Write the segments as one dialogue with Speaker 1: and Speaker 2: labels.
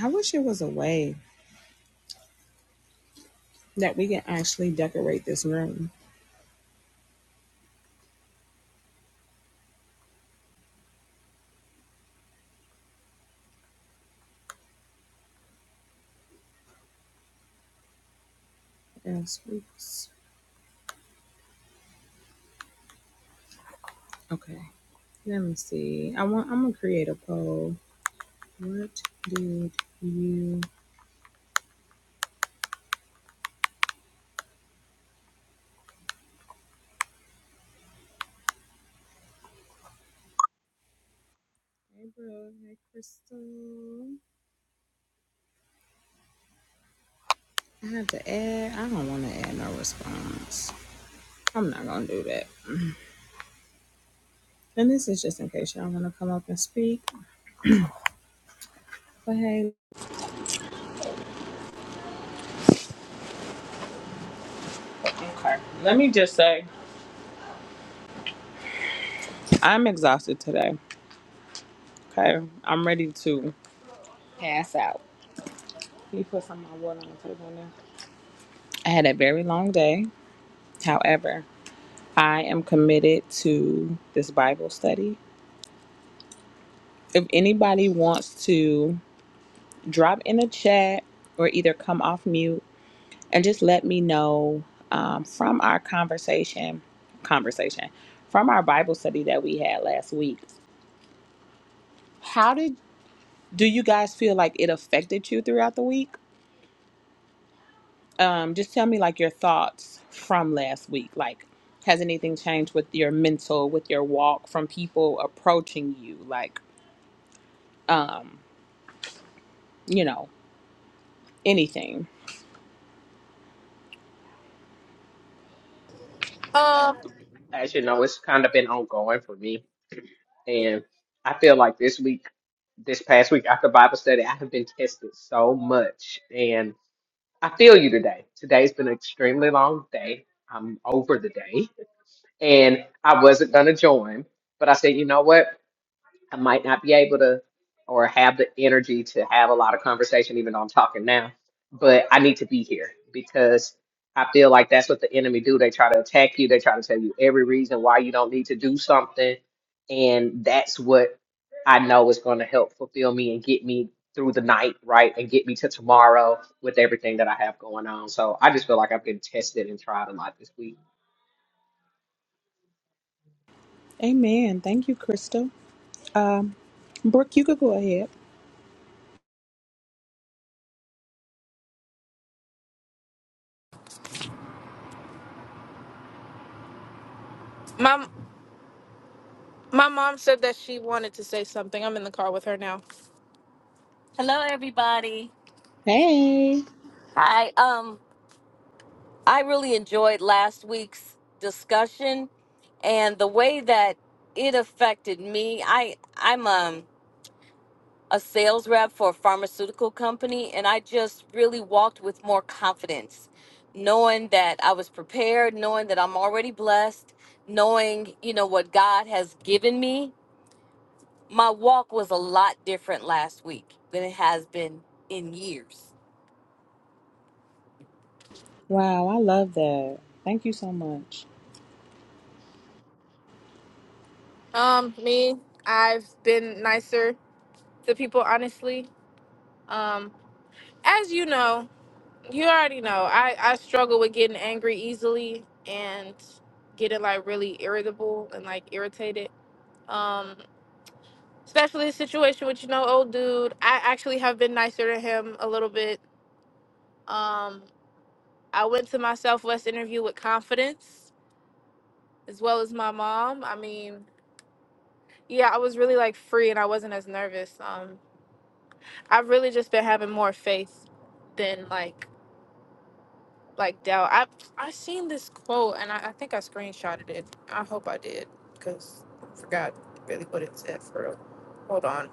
Speaker 1: I wish it was a way that we can actually decorate this room. Yes, oops. Okay. Let me see. I want I'm gonna create a poll. What did you Hey bro, hey Crystal. I have to add I don't wanna add no response. I'm not gonna do that. And this is just in case y'all wanna come up and speak. But hey Okay. Let me just say I'm exhausted today. Okay. I'm ready to pass out. Can you put some of my water on the table now? I had a very long day. However, I am committed to this Bible study. If anybody wants to drop in the chat or either come off mute and just let me know um, from our conversation, conversation, from our Bible study that we had last week, how did do you guys feel like it affected you throughout the week? um, just tell me like your thoughts from last week. Like, has anything changed with your mental, with your walk, from people approaching you? Like, you know, anything.
Speaker 2: Um,
Speaker 3: As you know, it's kind of been ongoing for me. And I feel like this week, this past week after Bible study, I have been tested so much. And I feel you today. Today's been an extremely long day. I'm over the day. And I wasn't going to join, but I said, you know what? I might not be able to or have the energy to have a lot of conversation, even though I'm talking now. But I need to be here because I feel like that's what the enemy do. They try to attack you. They try to tell you every reason why you don't need to do something, and that's what I know is going to help fulfill me and get me through the night, right, and get me to tomorrow with everything that I have going on. So I just feel like I've been tested and tried a lot this week.
Speaker 1: Amen. Thank you, Crystal. Um, Brooke, you could go ahead.
Speaker 2: my my mom said that she wanted to say something. I'm in the car with her now. Hello, everybody.
Speaker 1: Hey.
Speaker 2: Hi. Um, I really enjoyed last week's discussion and the way that it affected me. I I'm um a sales rep for a pharmaceutical company, and I just really walked with more confidence, knowing that I was prepared, knowing that I'm already blessed, knowing you know what God has given me. my walk was a lot different last week than it has been in years.
Speaker 1: Wow, I love that. Thank you so much.
Speaker 2: Um, me, I've been nicer to people, honestly. Um, as you know, you already know, I, I struggle with getting angry easily and getting like really irritable and like irritated. Um, especially the situation with you know, old dude. I actually have been nicer to him a little bit. Um, I went to my Southwest interview with confidence as well as my mom. I mean, Yeah, I was really like free and I wasn't as nervous. Um, I've really just been having more faith than like like doubt. I I seen this quote and I, I think I screenshotted it. I hope I did because I forgot really what it said for real. Hold on.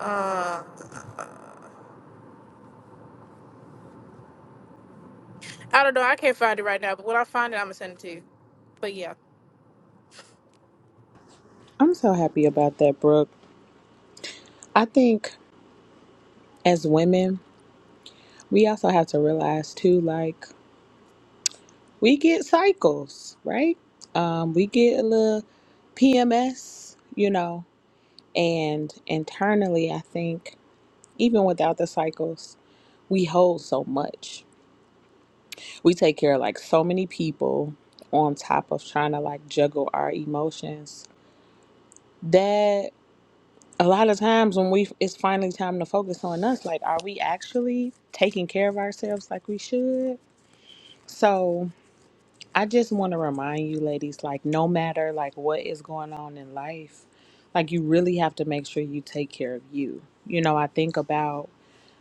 Speaker 2: Uh, I don't know. I can't find it right now, but when I find it, I'm gonna send it to you. But yeah.
Speaker 1: I'm so happy about that, Brooke. I think as women, we also have to realize too, like, we get cycles, right? Um, we get a little PMS, you know, and internally, I think even without the cycles, we hold so much. We take care of like so many people on top of trying to like juggle our emotions that a lot of times when we it's finally time to focus on us like are we actually taking care of ourselves like we should so I just want to remind you, ladies, like, no matter like what is going on in life, like, you really have to make sure you take care of you. You know, I think about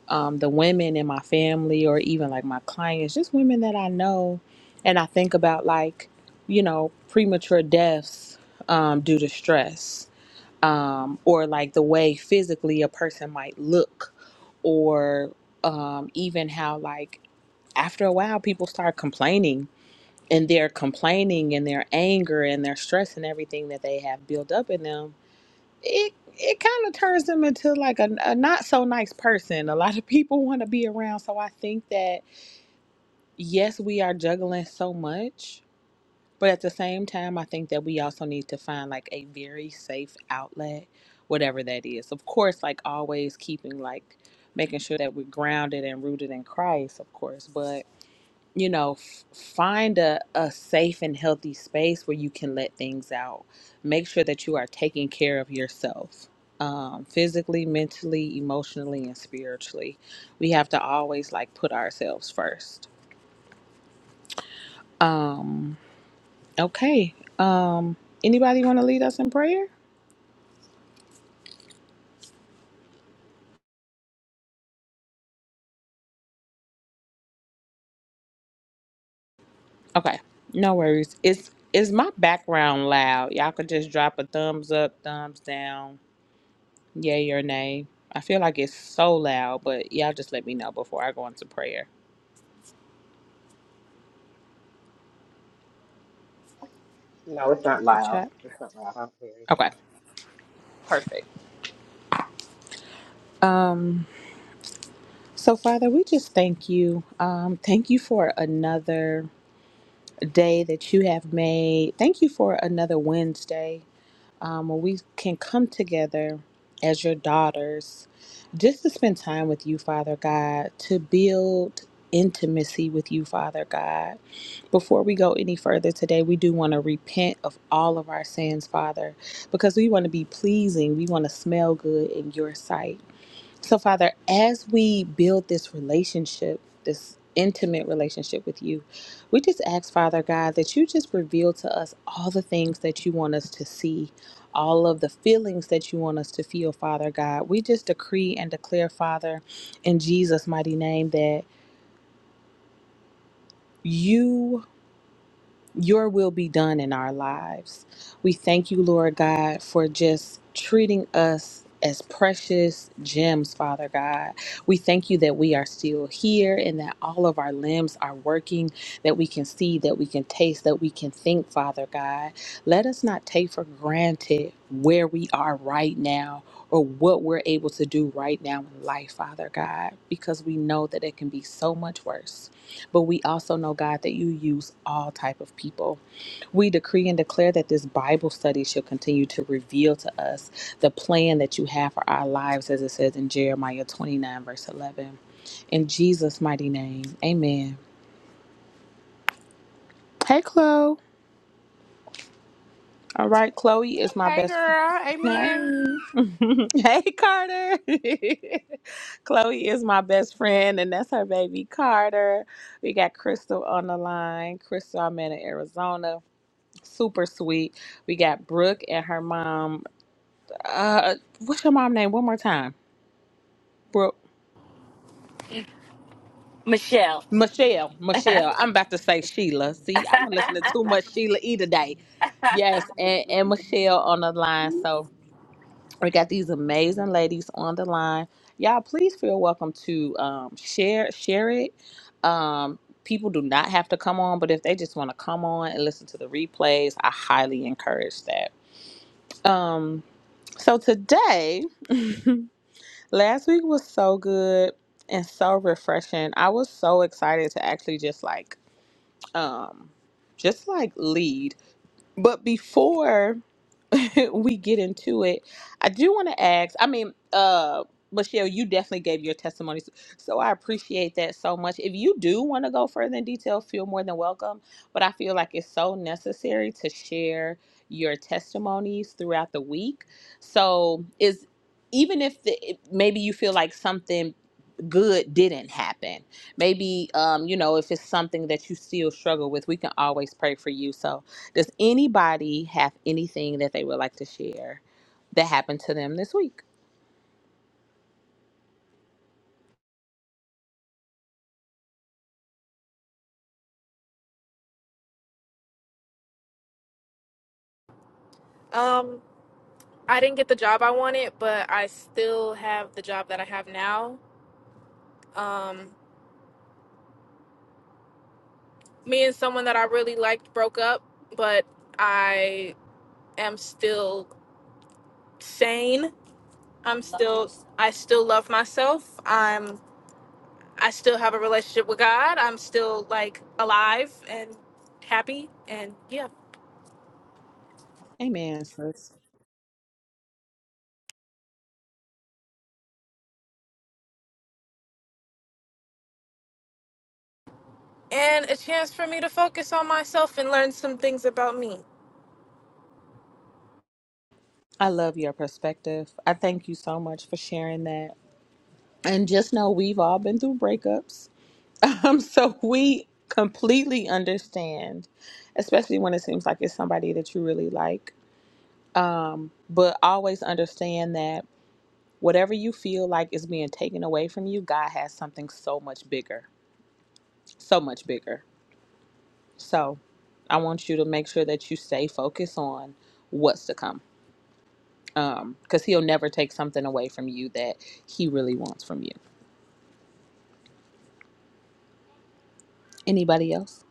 Speaker 1: um, the women in my family or even like my clients, just women that I know. And I think about like, you know, premature deaths um, due to stress um, or like the way physically a person might look or um, even how like after a while people start complaining and their complaining and their anger and their stress and everything that they have built up in them, it it kind of turns them into like a, a not so nice person. A lot of people want to be around, so I think that yes, we are juggling so much, but at the same time, I think that we also need to find like a very safe outlet, whatever that is. Of course, like always keeping like making sure that we're grounded and rooted in Christ, of course, but you know, f- find a, a safe and healthy space where you can let things out. Make sure that you are taking care of yourself um, physically, mentally, emotionally, and spiritually. We have to always like put ourselves first. Um, okay. Um, anybody want to lead us in prayer? Okay. No worries. Is is my background loud? Y'all could just drop a thumbs up, thumbs down Yay or nay. I feel like it's so loud, but y'all just let me know before I go into prayer.
Speaker 3: No, it's not
Speaker 1: Check the
Speaker 3: loud.
Speaker 1: chat.
Speaker 3: It's not loud. I don't hear
Speaker 1: Okay,
Speaker 3: anything.
Speaker 1: perfect. Um, so Father, we just thank you. Um, thank you for another day that you have made. Thank you for another Wednesday um, where we can come together as your daughters just to spend time with you, Father God, to build intimacy with you, Father God Before we go any further today, we do want to repent of all of our sins, Father, because we want to be pleasing. We want to smell good in your sight. So, Father, as we build this relationship, this intimate relationship with you, we just ask, Father God, that you just reveal to us all the things that you want us to see, all of the feelings that you want us to feel, Father God. We just decree and declare, Father, in Jesus' mighty name, that. You your will be done in our lives. We thank you, Lord God, for just treating us as precious gems, Father God. We thank you that we are still here and that all of our limbs are working, that we can see, that we can taste, that we can think, Father God. Let us not take for granted where we are right now or what we're able to do right now in life, Father God, because we know that it can be so much worse but we also know god that you use all type of people we decree and declare that this bible study shall continue to reveal to us the plan that you have for our lives as it says in jeremiah 29 verse 11 in jesus mighty name amen hey chloe all right chloe is my
Speaker 4: Hey
Speaker 1: best friend
Speaker 4: girl, amen.
Speaker 1: hey carter chloe is my best friend and that's her baby carter we got crystal on the line crystal i'm in arizona Super sweet. We got Brooke and her mom. Uh, what's your mom name? One more time. Brooke.
Speaker 2: Michelle.
Speaker 1: Michelle. Michelle. I'm about to say Sheila. See, I've been listening to too much Sheila E today. Yes, and, and Michelle on the line. So we got these amazing ladies on the line. Y'all, please feel welcome to um, share share it. Um, people do not have to come on, but if they just want to come on and listen to the replays, I highly encourage that. Um, so today. Last week was so good and so refreshing. I was so excited to actually just like um just like lead. But before we get into it, I do want to ask. I mean, uh, Michelle, you definitely gave your testimony, so so I appreciate that so much. If you do want to go further in detail, feel more than welcome. But I feel like it's so necessary to share your testimonies throughout the week. So is even if the, maybe you feel like something good didn't happen maybe um you know if it's something that you still struggle with we can always pray for you so does anybody have anything that they would like to share that happened to them this week?
Speaker 2: Um, I didn't get the job I wanted, but I still have the job that I have now. Um, me and someone that I really liked broke up, but I am still sane. I'm still I still love myself. I'm I still have a relationship with God. I'm still like alive and happy and yeah.
Speaker 1: Amen, sis.
Speaker 2: And a chance for me to focus on myself and learn some things about me.
Speaker 1: I love your perspective. I thank you so much for sharing that. And just know we've all been through breakups. Um, so we completely understand, especially when it seems like it's somebody that you really like. Um, but always understand that whatever you feel like is being taken away from you, God has something so much bigger, so much bigger. So I want you to make sure that you stay focused on what's to come. Um, because he'll never take something away from you that he really wants from you. Anybody else?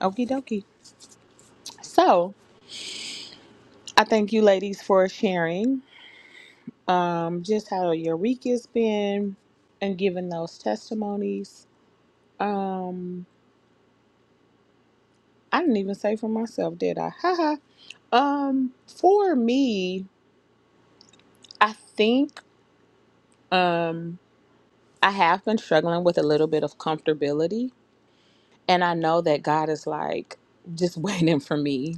Speaker 1: Okie dokie. So I thank you ladies for sharing um just how your week has been and giving those testimonies. Um I didn't even say for myself, did I? Haha. um for me, I think um I have been struggling with a little bit of comfortability And I know that God is like just waiting for me.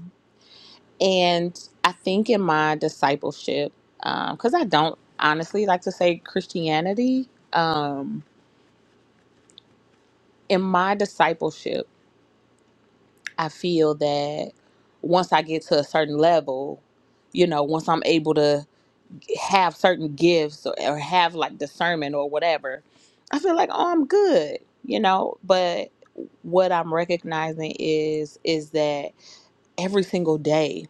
Speaker 1: And I think in my discipleship, because I don't honestly like to say Christianity, um, in my discipleship, I feel that once I get to a certain level, you know, once I'm able to have certain gifts or, or have like discernment or whatever, I feel like, oh, I'm good, you know. But what I'm recognizing is is that every single day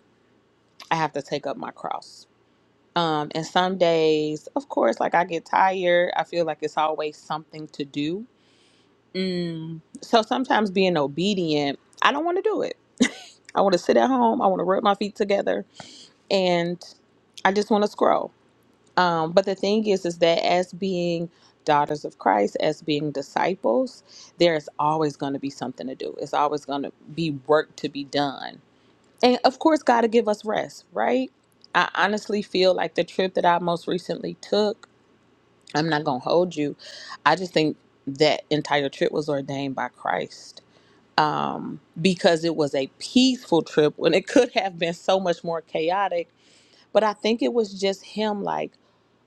Speaker 1: I have to take up my cross. Um, and some days, of course, like I get tired, I feel like it's always something to do. Mm. So sometimes being obedient, I don't want to do it. I want to sit at home. I want to rub my feet together, and I just want to scroll. Um, but the thing is, is that as being daughters of Christ, as being disciples, there is always going to be something to do. It's always going to be work to be done and of course, God will give us rest, right? I honestly feel like the trip that I most recently took, I'm not going to hold you. I just think that entire trip was ordained by Christ um, because it was a peaceful trip when it could have been so much more chaotic but I think it was just him like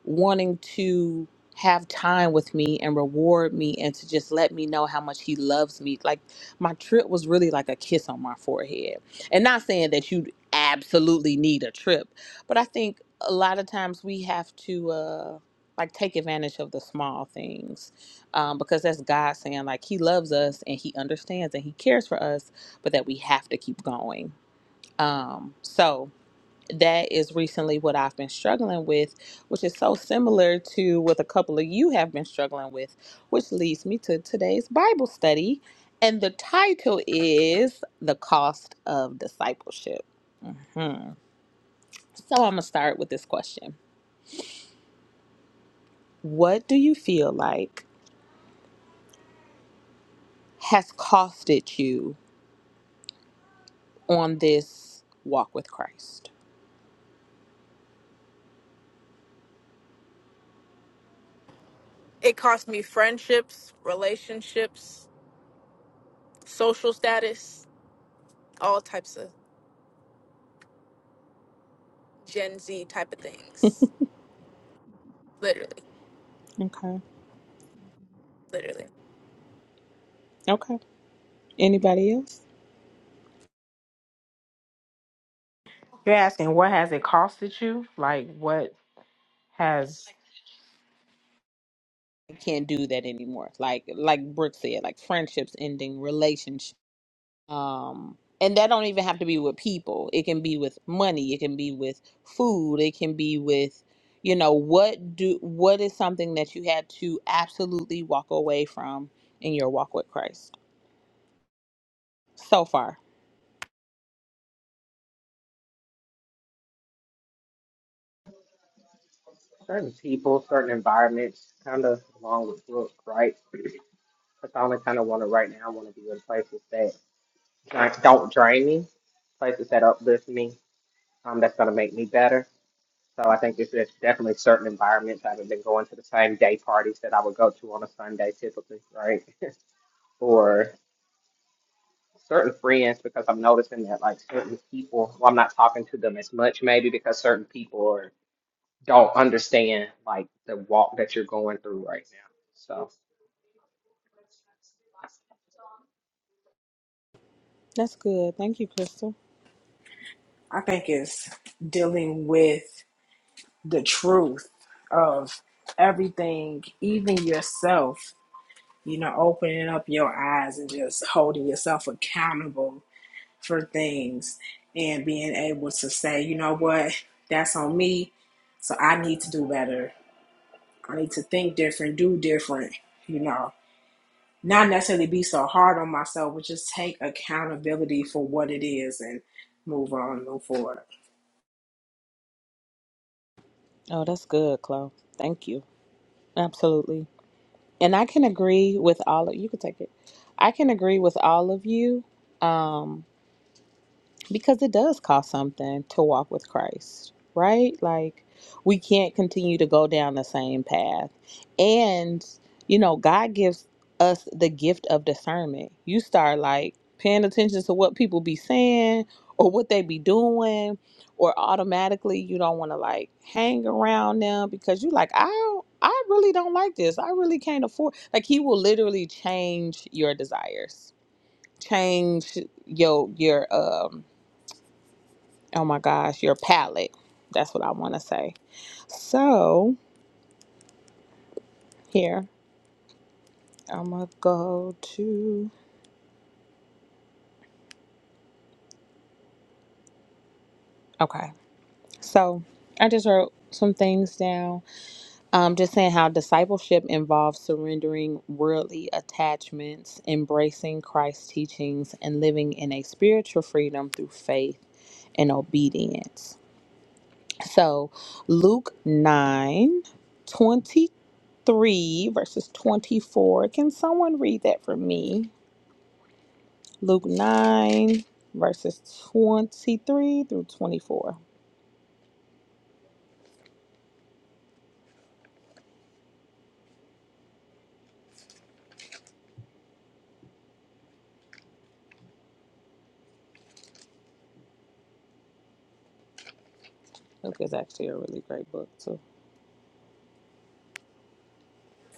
Speaker 1: wanting to have time with me and reward me and to just let me know how much he loves me. Like my trip was really like a kiss on my forehead. And not saying that you absolutely need a trip, but I think a lot of times we have to uh like take advantage of the small things um, because that's god saying like he loves us and he understands and he cares for us but that we have to keep going um, so that is recently what I've been struggling with, which is so similar to what a couple of you have been struggling with, which leads me to today's Bible study. And the title is The Cost of Discipleship. hmm So I'm going to start with this question What do you feel like has costed you on this walk with Christ?
Speaker 2: It cost me friendships, relationships, social status, all types of Gen Z type of things. Literally,
Speaker 1: Okay.
Speaker 2: literally.
Speaker 1: Okay. Anybody else?
Speaker 4: You're asking what has it costed you? Like what has
Speaker 1: I can't do that anymore. Like like Brooke said, like friendships ending, relationships um and that don't even have to be with people it can be with money it can be with food it can be with you know what do what is something that you had to absolutely walk away from in your walk with christ so far
Speaker 3: certain people, certain environments, kind of along with Brooke, right? That's all I kind of want to right now. I want to be in places that like, don't drain me, places that uplift me. Um, that's gonna make me better. So I think there's there's definitely certain environments. I haven't been going to the same day parties that I would go to on a Sunday typically, right? or certain friends because I'm noticing that like certain people, well, I'm not talking to them as much maybe because certain people are, don't understand like the walk that you're going through right now. So.
Speaker 1: that's good thank you crystal
Speaker 4: I think it's dealing with the truth of everything, even yourself, you know, opening up your eyes and just holding yourself accountable for things and being able to say, you know what, that's on me. So I need to do better. I need to think different, do different, you know. not necessarily be so hard on myself, but just take accountability for what it is and move on, move forward.
Speaker 1: oh that's good chloe thank you absolutely and i can agree with all of you can take it i can agree with all of you Um. because it does cost something to walk with Christ, right? Like we can't continue to go down the same path. And you know, God gives us the gift of discernment. You start like paying attention to what people be saying or what they be doing or automatically you don't want to like hang around them because you like I don't, I really don't like this. I really can't afford like he will literally change your desires. Change your your um oh my gosh, your palette. That's what I want to say. So here, I'm gonna go to okay. So I just wrote some things down. Um, just saying how discipleship involves surrendering worldly attachments, embracing Christ's teachings, and living in a spiritual freedom through faith and obedience. So Luke 9 23 verses 24. Can someone read that for me? Luke 9, verses 23 through 24. Luke is actually a really great book, too.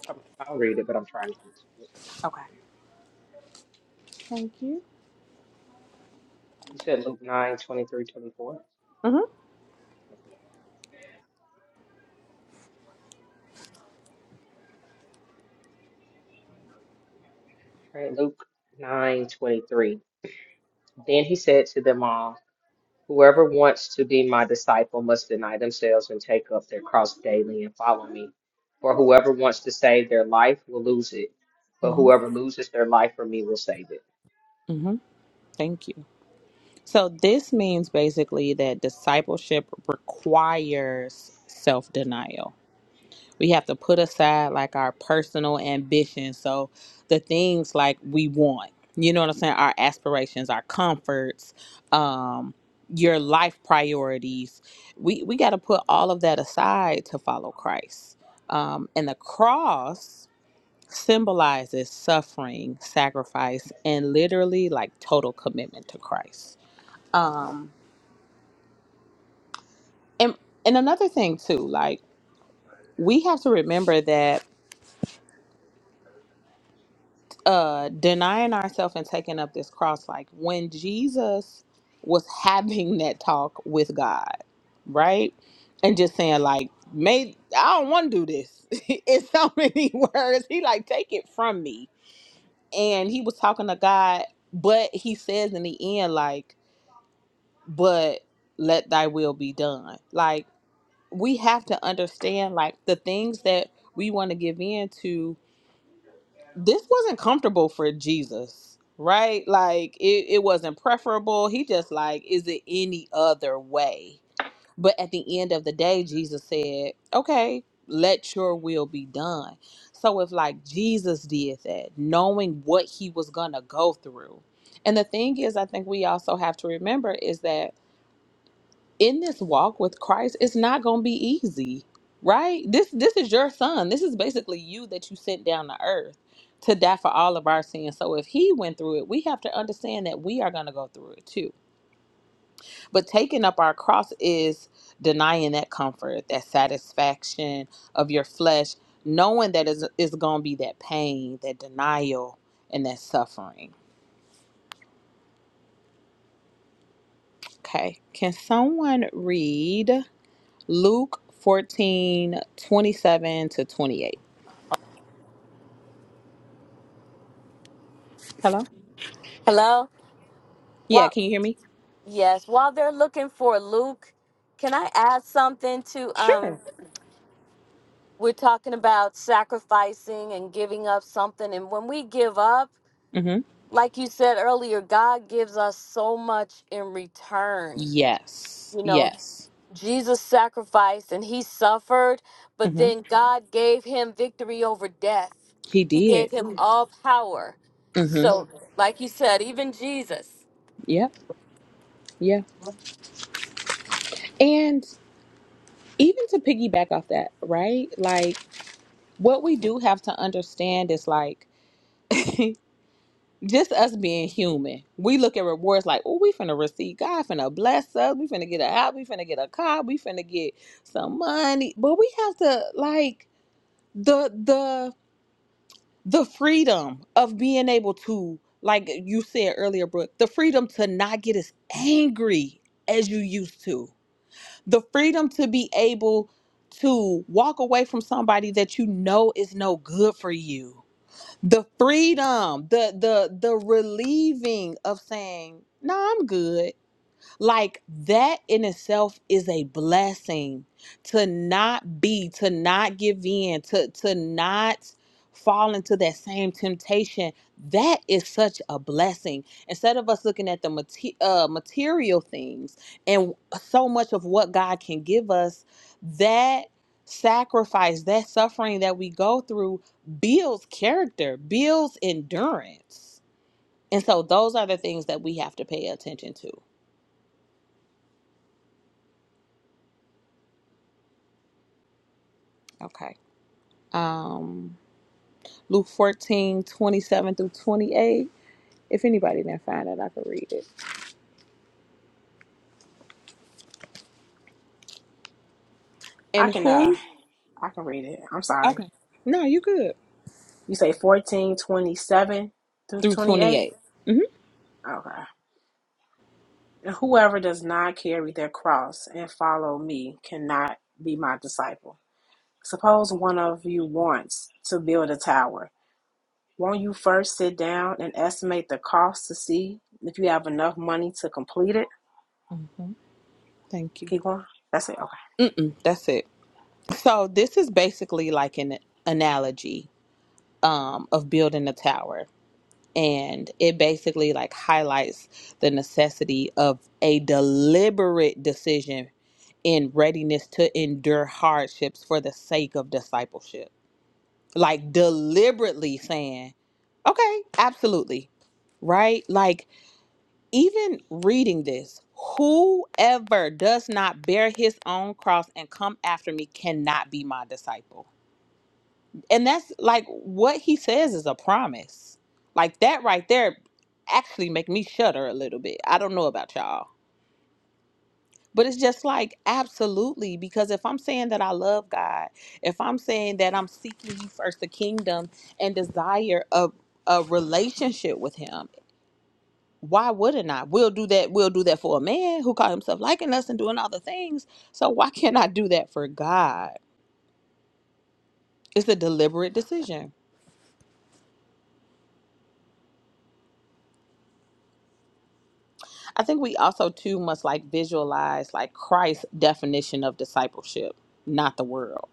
Speaker 3: I'm, I'll read it, but I'm trying to get to it.
Speaker 1: Okay. Thank you.
Speaker 3: You said Luke nine twenty three twenty four.
Speaker 1: Mm-hmm.
Speaker 3: All right, Luke 9 23. Then he said to them all, Whoever wants to be my disciple must deny themselves and take up their cross daily and follow me. For whoever wants to save their life will lose it, but
Speaker 1: Mm-hmm.
Speaker 3: whoever loses their life for me will save it.
Speaker 1: Mm-hmm. Thank you. So, this means basically that discipleship requires self denial. we have to put aside like our personal ambitions so the things like we want you know what i'm saying our aspirations our comforts um your life priorities we we got to put all of that aside to follow christ um and the cross symbolizes suffering sacrifice and literally like total commitment to christ um and and another thing too like we have to remember that uh denying ourselves and taking up this cross like when Jesus was having that talk with God, right? And just saying like, "May I don't want to do this." in so many words, he like, "Take it from me." And he was talking to God, but he says in the end like, "But let thy will be done." Like we have to understand like the things that we want to give in to this wasn't comfortable for Jesus, right? Like it, it wasn't preferable. He just like, is it any other way? But at the end of the day, Jesus said, Okay, let your will be done. So if like Jesus did that, knowing what he was gonna go through. And the thing is, I think we also have to remember is that in this walk with Christ, it's not going to be easy, right? This this is your son. This is basically you that you sent down to earth to die for all of our sins. So if he went through it, we have to understand that we are going to go through it too. But taking up our cross is denying that comfort, that satisfaction of your flesh, knowing that is is going to be that pain, that denial, and that suffering. Okay. Can someone read Luke 14 27 to 28. Hello?
Speaker 2: Hello?
Speaker 1: Yeah,
Speaker 2: What?
Speaker 1: can you hear me?
Speaker 2: Yes, while they're looking for Luke, can I add something to um
Speaker 1: Sure.
Speaker 2: we're talking about sacrificing and giving up something and when we give up,
Speaker 1: Mm-hmm.
Speaker 2: like you said earlier, God gives us so much in return.
Speaker 1: Yes.
Speaker 2: You know,
Speaker 1: Yes.
Speaker 2: Jesus sacrificed and he suffered, but
Speaker 1: Mm-hmm.
Speaker 2: then God gave him victory over death.
Speaker 1: He
Speaker 2: He gave
Speaker 1: did.
Speaker 2: him Mhm. all power.
Speaker 1: Mm-hmm.
Speaker 2: So, like you said, even Jesus.
Speaker 1: Yep. Yeah. And even to piggyback off that, right? Like, what we do have to understand is like, just us being human, we look at rewards like, oh, we finna receive God, finna bless us, we finna get a house, we finna get a car, we finna get some money. But we have to like the the the freedom of being able to like you said earlier brooke the freedom to not get as angry as you used to the freedom to be able to walk away from somebody that you know is no good for you the freedom the the the relieving of saying no i'm good like that in itself is a blessing to not be, to not give in, to, to not fall into that same temptation. That is such a blessing. Instead of us looking at the mate- uh, material things and so much of what God can give us, that sacrifice, that suffering that we go through builds character, builds endurance. And so those are the things that we have to pay attention to. Okay. um, Luke 14 27 through 28. If anybody didn't find it, I could read it.
Speaker 4: I
Speaker 1: And
Speaker 4: can uh
Speaker 1: who?
Speaker 4: I can read it. I'm sorry.
Speaker 1: Okay. No, you good.
Speaker 4: You say fourteen twenty seven through
Speaker 1: Through
Speaker 4: twenty eight?
Speaker 1: 28. Mm-hmm.
Speaker 4: Okay. And whoever does not carry their cross and follow me cannot be my disciple. Suppose one of you wants to build a tower. Won't you first sit down and estimate the cost to see if you have enough money to complete it?
Speaker 1: hmm Thank you.
Speaker 4: Keep going. That's it. Okay.
Speaker 1: Mm-mm, that's it. So this is basically like an analogy um, of building a tower. And it basically like highlights the necessity of a deliberate decision in readiness to endure hardships for the sake of discipleship like deliberately saying, okay, absolutely, right? Like, even reading this, whoever does not bear his own cross and come after me cannot be my disciple. And that's like what he says is a promise. Like, that right there actually make me shudder a little bit. I don't know about y'all But it's just like absolutely because if I'm saying that I love God, if I'm saying that I'm seeking ye first the kingdom and desire a a relationship with him, why wouldn't I? We'll do that, we'll do that for a man who called himself liking us and doing all the things. So why can't I do that for God? It's a deliberate decision. I think we also too must like visualize like Christ's definition of discipleship, not the world.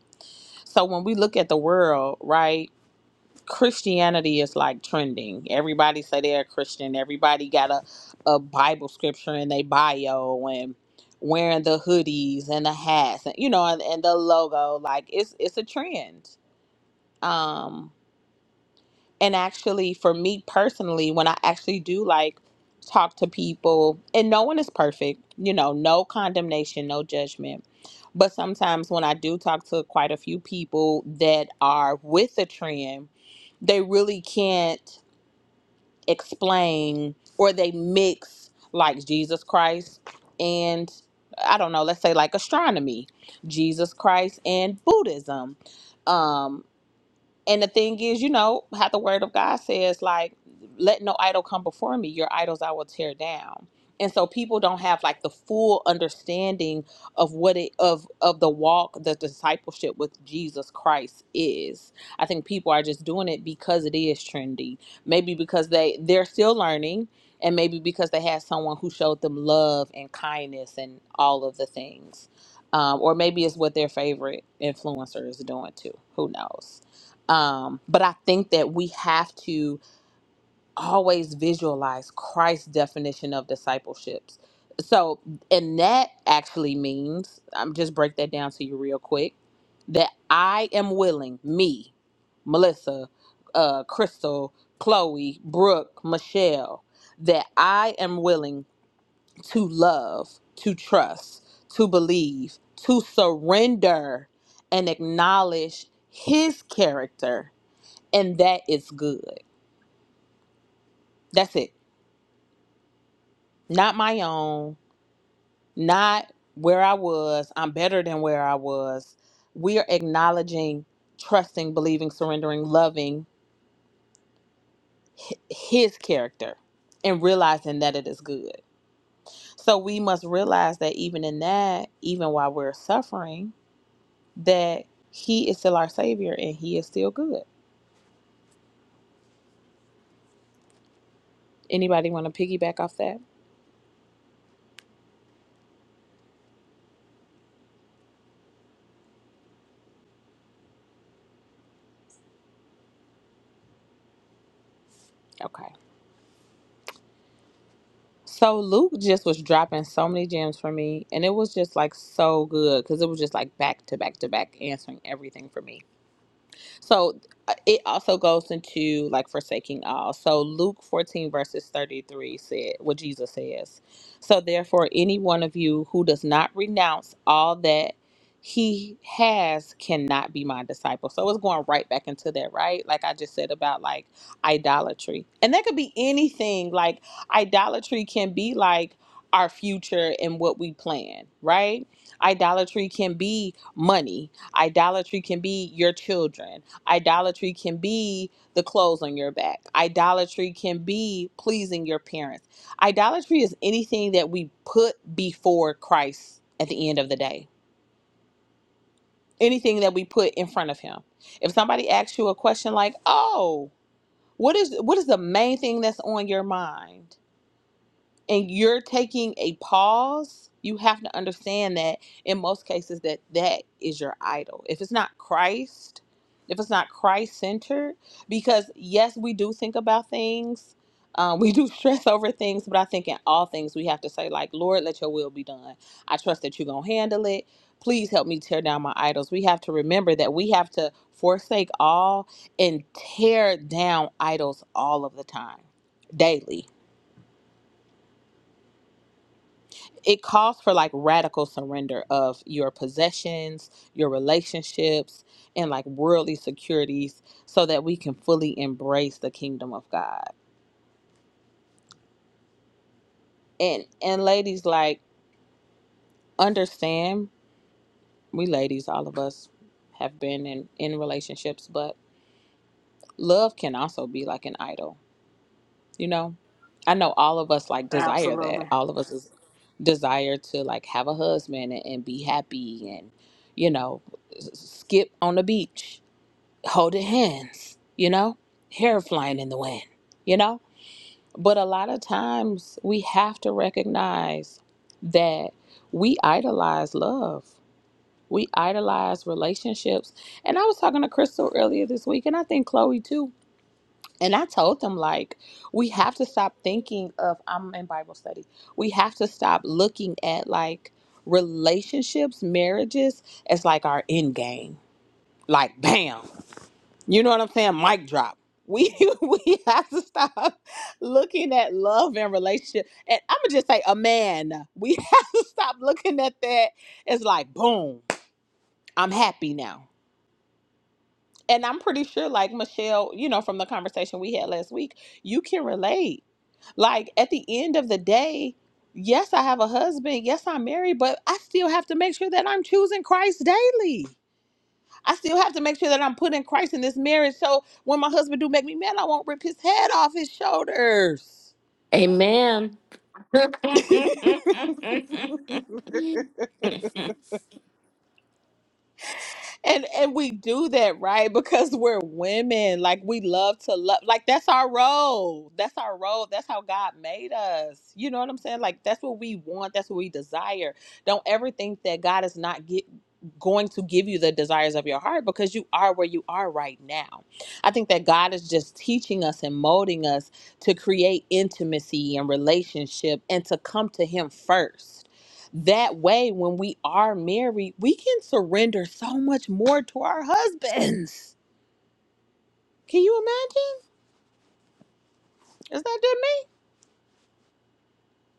Speaker 1: So when we look at the world, right? Christianity is like trending. Everybody say they're a Christian. Everybody got a, a Bible scripture in their bio and wearing the hoodies and the hats and you know and, and the logo. Like it's it's a trend. Um and actually for me personally, when I actually do like talk to people and no one is perfect, you know, no condemnation, no judgment. But sometimes when I do talk to quite a few people that are with the trend, they really can't explain or they mix like Jesus Christ and I don't know, let's say like astronomy, Jesus Christ and Buddhism. um and the thing is, you know, how the word of God says, like, let no idol come before me. Your idols I will tear down. And so people don't have like the full understanding of what it of of the walk, the discipleship with Jesus Christ is. I think people are just doing it because it is trendy. Maybe because they they're still learning, and maybe because they had someone who showed them love and kindness and all of the things, um, or maybe it's what their favorite influencer is doing too. Who knows? Um, but I think that we have to always visualize Christ's definition of discipleships. So, and that actually means, I'm just break that down to you real quick, that I am willing, me, Melissa, uh, Crystal, Chloe, Brooke, Michelle, that I am willing to love, to trust, to believe, to surrender and acknowledge his character and that is good. That's it. Not my own, not where I was. I'm better than where I was. We are acknowledging, trusting, believing, surrendering, loving hi- his character and realizing that it is good. So we must realize that even in that, even while we're suffering, that he is still our savior and he is still good. Anybody want to piggyback off that? Okay. So Luke just was dropping so many gems for me, and it was just like so good because it was just like back to back to back answering everything for me. So uh, it also goes into like forsaking all. So Luke 14 verses 33 said what Jesus says. So therefore any one of you who does not renounce all that he has cannot be my disciple. So it's going right back into that, right? Like I just said about like idolatry. And that could be anything. Like idolatry can be like our future and what we plan, right? Idolatry can be money. Idolatry can be your children Idolatry can be the clothes on your back. Idolatry can be pleasing your parents. Idolatry is anything that we put before Christ at the end of the day, anything that we put in front of Him. If somebody asks you a question like, oh, what is what is the main thing that's on your mind? and you're taking a pause you have to understand that in most cases that that is your idol if it's not christ if it's not christ centered because yes we do think about things um, we do stress over things but i think in all things we have to say like lord let your will be done i trust that you're going to handle it please help me tear down my idols we have to remember that we have to forsake all and tear down idols all of the time daily it calls for like radical surrender of your possessions, your relationships, and like worldly securities so that we can fully embrace the kingdom of God. And and ladies like understand, we ladies all of us have been in in relationships, but love can also be like an idol, you know? I know all of us like desire that.
Speaker 4: Absolutely.
Speaker 1: All of us is desire to like have a husband and, and be happy and you know s- skip on the beach holding hands, you know, hair flying in the wind, you know. But a lot of times we have to recognize that we idolize love, we idolize relationships. And I was talking to Crystal earlier this week, and I think Chloe too. And I told them, like, we have to stop thinking of, I'm in Bible study, we have to stop looking at like relationships, marriages as like our end game. Like, bam. You know what I'm saying? Mic drop. We we have to stop looking at love and relationship. And I'm gonna just say a man. We have to stop looking at that It's like boom, I'm happy now. And I'm pretty sure like Michelle, you know, from the conversation we had last week, you can relate. Like at the end of the day, yes, I have a husband, yes, I'm married, but I still have to make sure that I'm choosing Christ daily. I still have to make sure that I'm putting Christ in this marriage. So when my husband do make me mad, I won't rip his head off his shoulders.
Speaker 2: Amen.
Speaker 1: and and we do that right because we're women like we love to love like that's our role that's our role that's how god made us you know what i'm saying like that's what we want that's what we desire don't ever think that god is not get, going to give you the desires of your heart because you are where you are right now i think that god is just teaching us and molding us to create intimacy and relationship and to come to him first that way when we are married we can surrender so much more to our husbands can you imagine is that just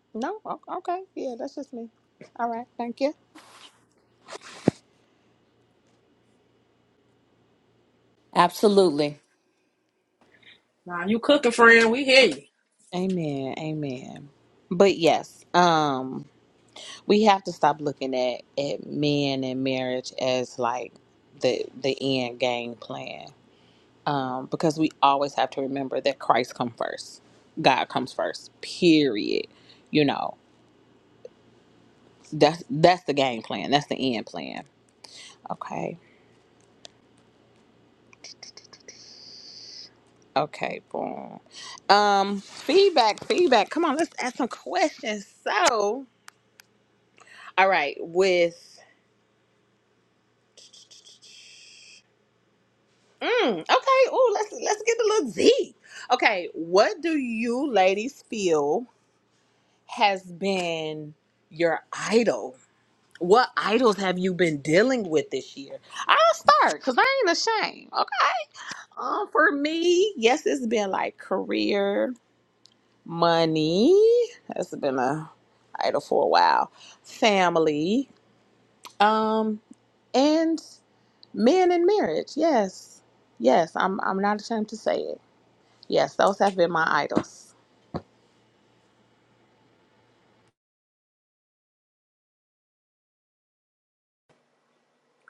Speaker 1: me no O- okay yeah that's just me all right thank you
Speaker 2: Absolutely.
Speaker 4: Nah, you cooking, friend. We hear you.
Speaker 1: amen amen but yes um we have to stop looking at at men and marriage as like the the end game plan um because we always have to remember that christ comes first god comes first period you know That's that's the game plan. That's the end plan. Okay. Okay, boom. Um, feedback, feedback. Come on, let's ask some questions. So, all right, with mm, okay, oh, let's let's get a little Z. Okay, what do you ladies feel has been your idol? What idols have you been dealing with this year? I'll start because I ain't ashamed. Okay. Um, for me, yes, it's been like career money. That's been a idol for a while. Family, um, and men in marriage. Yes, yes, I'm I'm not ashamed to say it. Yes, those have been my idols.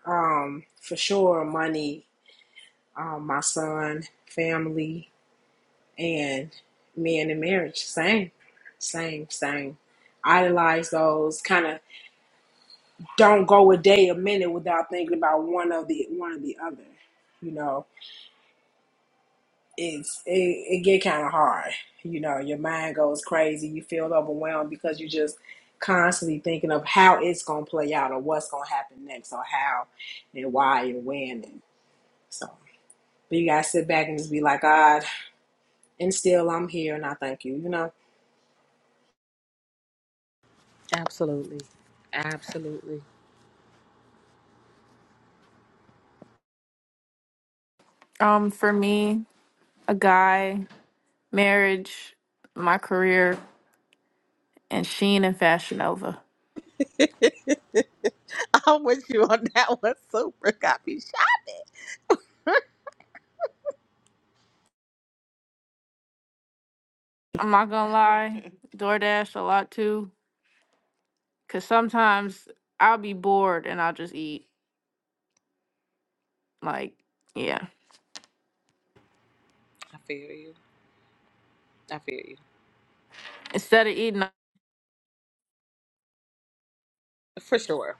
Speaker 4: Um, for sure, money, um, my son, family, and men in marriage. Same, same, same. Idolize those. Kind of don't go a day, a minute without thinking about one of the one of the other. You know, it's it, it get kind of hard. You know, your mind goes crazy. You feel overwhelmed because you just constantly thinking of how it's gonna play out or what's gonna happen next or how and why and when. So, but you guys sit back and just be like, God, and still I'm here and I thank you, you know?
Speaker 1: Absolutely. Absolutely.
Speaker 2: Um, for me, a guy, marriage, my career, and Sheen and Fashion Nova.
Speaker 1: I'm with you on that one. Super copy shot.
Speaker 2: I'm not gonna lie, DoorDash a lot too, cause sometimes I'll be bored and I'll just eat. Like, yeah,
Speaker 1: I feel you. I feel you.
Speaker 2: instead of eating,
Speaker 1: For sure.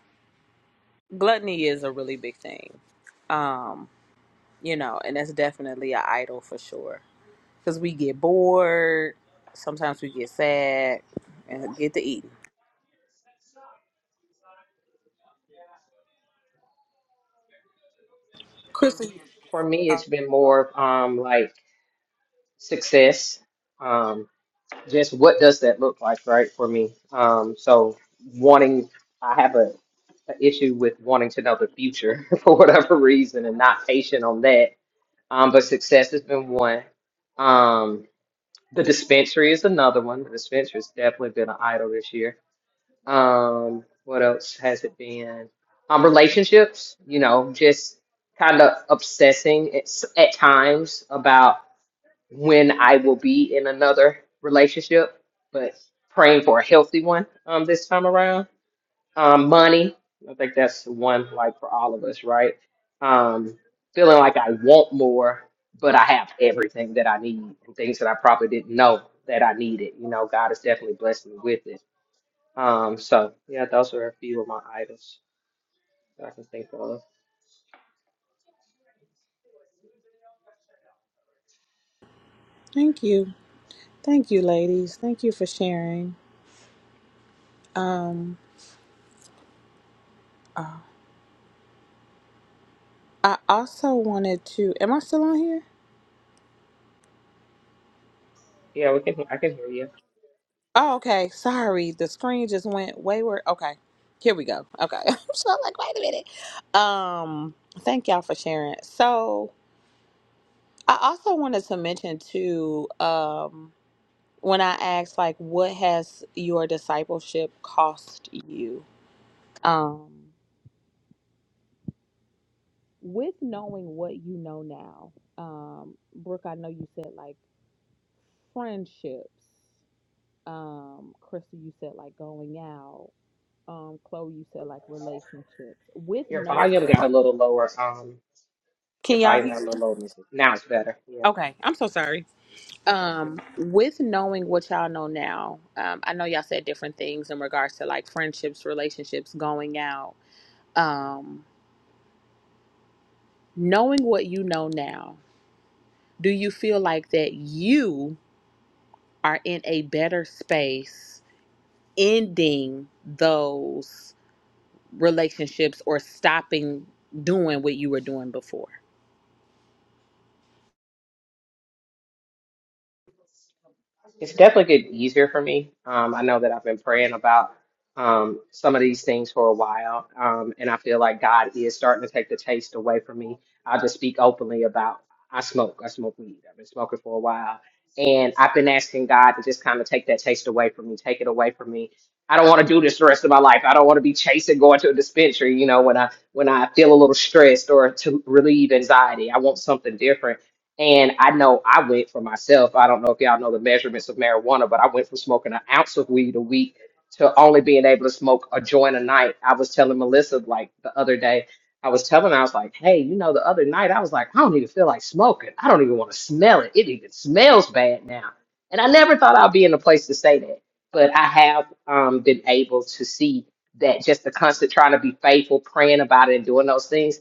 Speaker 1: Gluttony is a really big thing. Um, you know, and that's definitely an idol for sure. because we get bored. Sometimes we get sad and get to eating. Crystal,
Speaker 3: For me,
Speaker 1: uh,
Speaker 3: it's been more of, um like success. um. just what does that look like, right, for me? Um, so wanting, I have a, a issue with wanting to know the future for whatever reason and not patient on that. Um, but success has been one. Um, the dispensary is another one. The dispensary has definitely been an idol this year. Um, what else has it been? Um, relationships, you know, just kind of obsessing at, s- at times when I will be in another relationship, but praying for a healthy one um, this time around. Um, money, I think that's the one like for all of us, right? Um, feeling like I want more, but I have everything that I need and things that I probably didn't know that I needed. You know, God has definitely blessed me with it. Um, so yeah, those are a few of my items that I can think of.
Speaker 1: Thank you. Thank you, ladies. Thank you for sharing. Um, uh, I also wanted to. Am I still on here?
Speaker 3: Yeah, we can. I can hear you.
Speaker 1: Oh, okay. Sorry. The screen just went wayward. Okay. Here we go. Okay. I'm so like, wait a minute. Um, thank y'all for sharing. So, I also wanted to mention too. Um, when I asked like what has your discipleship cost you? Um with knowing what you know now, um, Brooke, I know you said like friendships. Um, Crystal, you said like going out. Um, Chloe, you said like relationships. With
Speaker 3: Your
Speaker 1: knowing
Speaker 3: volume got a little lower. Um, your
Speaker 1: Can y'all
Speaker 3: volume got a
Speaker 1: hear me?
Speaker 3: little lower. Missy. Now it's better. Yeah.
Speaker 1: Okay. I'm so sorry. Um, with knowing what y'all know now, um, I know y'all said different things in regards to like friendships, relationships, going out. Um, Knowing what you know now, do you feel like that you are in a better space ending those relationships or stopping doing what you were doing before?
Speaker 3: It's definitely getting easier for me. Um, I know that I've been praying about um, some of these things for a while, um, and I feel like God is starting to take the taste away from me. I'll just speak openly about I smoke. I smoke weed. I've been smoking for a while, and I've been asking God to just kind of take that taste away from me, take it away from me. I don't want to do this the rest of my life. I don't want to be chasing going to a dispensary. You know, when I when I feel a little stressed or to relieve anxiety, I want something different. And I know I went for myself. I don't know if y'all know the measurements of marijuana, but I went from smoking an ounce of weed a week to only being able to smoke a joint a night. I was telling Melissa like the other day, I was telling her, I was like, hey, you know, the other night I was like, I don't even feel like smoking. I don't even want to smell it. It even smells bad now. And I never thought I'd be in a place to say that. But I have um, been able to see that just the constant trying to be faithful, praying about it and doing those things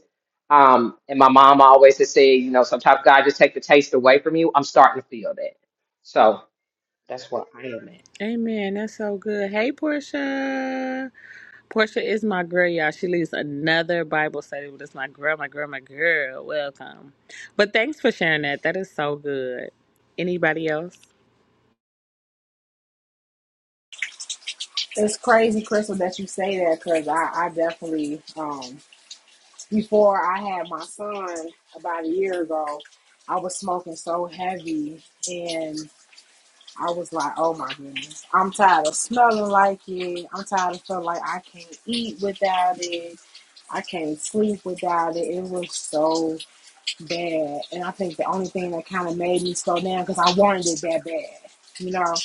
Speaker 3: um, and my mom always has said, you know, sometimes God just take the taste away from you. I'm starting to feel that. So that's where I am at.
Speaker 1: Amen. That's so good. Hey, Portia. Portia is my girl, y'all. She leads another Bible study with us. My girl, my girl, my girl. Welcome. But thanks for sharing that. That is so good. Anybody else?
Speaker 4: It's crazy, Crystal, that you say that because I, I definitely, um, before I had my son about a year ago, I was smoking so heavy and I was like, oh my goodness, I'm tired of smelling like it. I'm tired of feeling like I can't eat without it. I can't sleep without it. It was so bad. And I think the only thing that kind of made me slow down because I wanted it that bad. You know,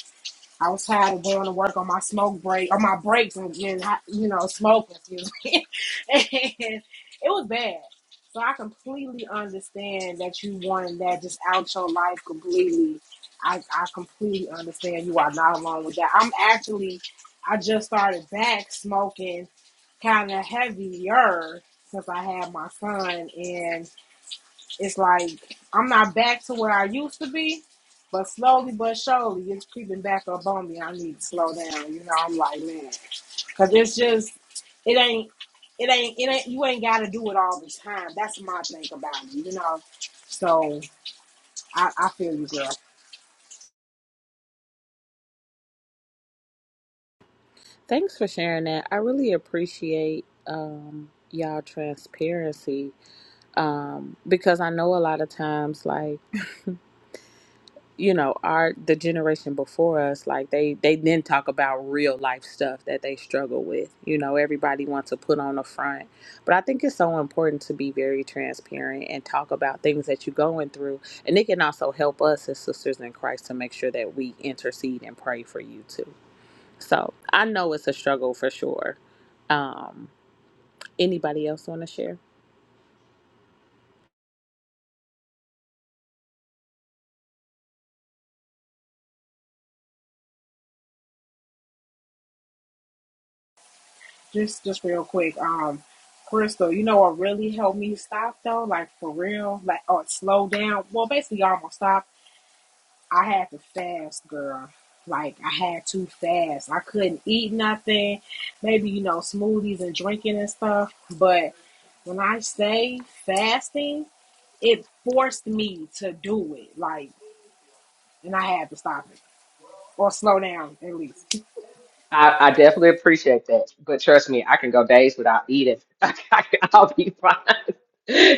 Speaker 4: I was tired of going to work on my smoke break or my breaks and, and you know, smoking. Excuse me. and it was bad. So I completely understand that you wanted that just out your life completely. I, I completely understand you are not alone with that. I'm actually, I just started back smoking kind of heavier since I had my son. And it's like I'm not back to where I used to be, but slowly but surely it's creeping back up on me. I need to slow down. You know, I'm like, man, because it's just it ain't. It ain't, it ain't, you ain't got to do it all the time. That's my thing about it, you know? So I, I feel you, girl.
Speaker 1: Thanks for sharing that. I really appreciate um, y'all transparency um, because I know a lot of times, like you know, our the generation before us, like they they didn't talk about real life stuff that they struggle with. You know, everybody wants to put on the front, but I think it's so important to be very transparent and talk about things that you're going through, and it can also help us as sisters in Christ to make sure that we intercede and pray for you too. So I know it's a struggle for sure. Um, anybody else want to share?
Speaker 4: Just, just real quick. Um, Crystal, you know what really helped me stop though? Like for real, like or slow down. Well, basically almost stop I had to fast, girl. Like I had to fast. I couldn't eat nothing. Maybe you know smoothies and drinking and stuff. But when I say fasting, it forced me to do it. Like, and I had to stop it or slow down at least.
Speaker 3: I, I definitely appreciate that. But trust me, I can go days without eating. I'll be fine.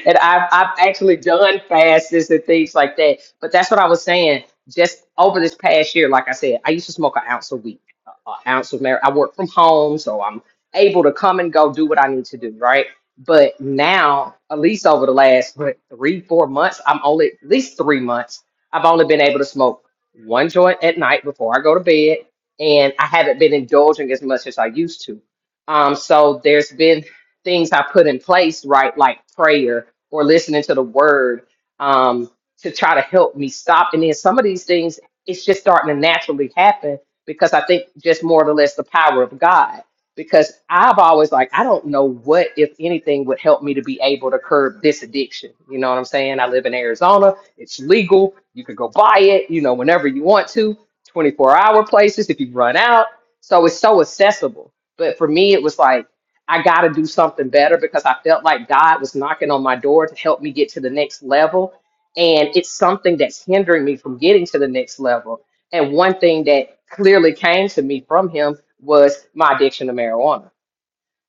Speaker 3: And I've, I've actually done fasts and things like that. But that's what I was saying. Just over this past year, like I said, I used to smoke an ounce a week, an ounce of marijuana. I work from home, so I'm able to come and go do what I need to do, right? But now, at least over the last what, three, four months, I'm only, at least three months, I've only been able to smoke one joint at night before I go to bed and I haven't been indulging as much as I used to. Um, so there's been things I put in place, right, like prayer or listening to the word um, to try to help me stop. And then some of these things, it's just starting to naturally happen because I think just more or less the power of God. Because I've always like, I don't know what, if anything, would help me to be able to curb this addiction. You know what I'm saying? I live in Arizona. It's legal. You can go buy it, you know, whenever you want to 24 hour places if you run out. So it's so accessible. But for me, it was like, I got to do something better because I felt like God was knocking on my door to help me get to the next level. And it's something that's hindering me from getting to the next level. And one thing that clearly came to me from Him was my addiction to marijuana.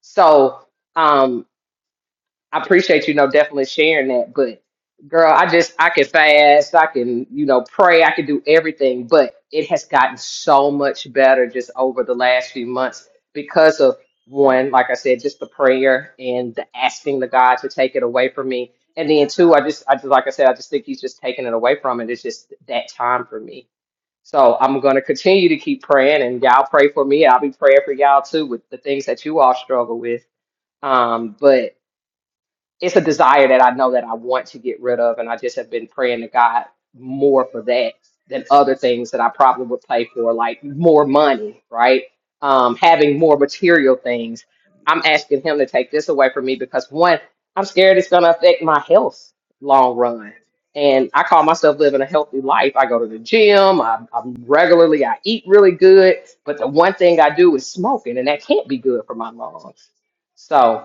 Speaker 3: So, um. I appreciate you know definitely sharing that, but girl, I just I can fast, I can you know pray, I can do everything, but it has gotten so much better just over the last few months because of one, like I said, just the prayer and the asking the God to take it away from me, and then two, I just I just like I said, I just think He's just taking it away from it. It's just that time for me. So I'm going to continue to keep praying, and y'all pray for me. I'll be praying for y'all too with the things that you all struggle with. Um, but it's a desire that I know that I want to get rid of, and I just have been praying to God more for that than other things that I probably would pay for, like more money, right? Um, having more material things. I'm asking Him to take this away from me because one, I'm scared it's going to affect my health long run. And I call myself living a healthy life. I go to the gym. I, I'm regularly. I eat really good. But the one thing I do is smoking, and that can't be good for my lungs. So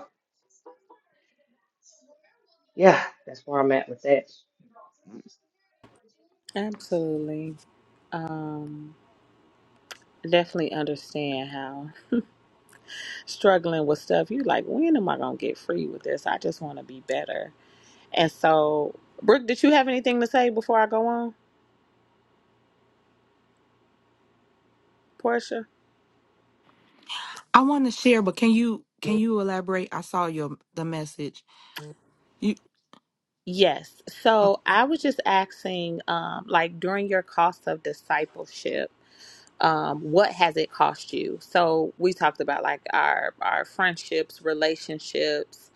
Speaker 3: yeah, that's where I'm at with that.
Speaker 1: Absolutely. Um, definitely understand how struggling with stuff. You like, when am I gonna get free with this? I just want to be better. And so, Brooke, did you have anything to say before I go on, Portia?
Speaker 5: I want to share, but can you can you elaborate? I saw your the message. You
Speaker 1: Yes.
Speaker 5: oh,
Speaker 1: So I was just asking, um, like during your cost of discipleship. um, what has it cost you? So we talked about like our our friendships, relationships,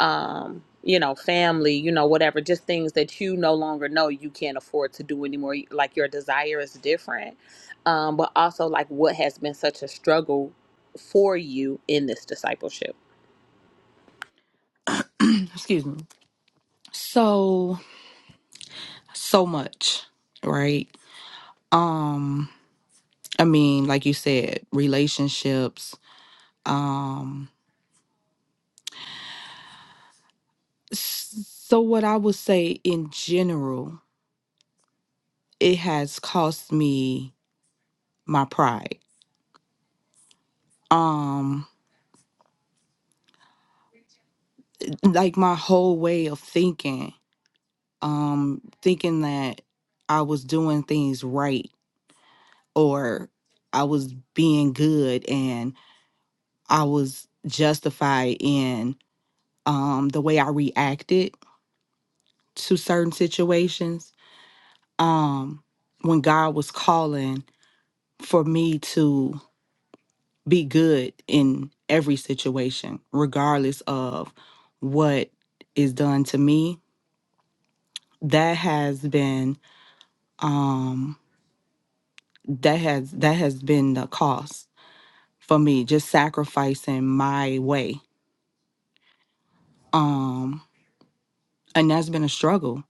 Speaker 1: um, you know, family, you know, whatever, just things that you no longer know you can't afford to do anymore. Like your desire is different, um, but also like what has been such a struggle for you in this discipleship.
Speaker 5: excuse me. So so much, right? Um, I mean, like you said, relationships. Um, s- so what I would say in general, it has cost me my pride. Um, like my whole way of thinking. Um, thinking that I was doing things right or I was being good and I was justified in um, the way I reacted to certain situations. Um, when God was calling for me to be good in every situation, regardless of what is done to me, that has been um, that has that has been the cost for me, just sacrificing my way. Um, and that's been a struggle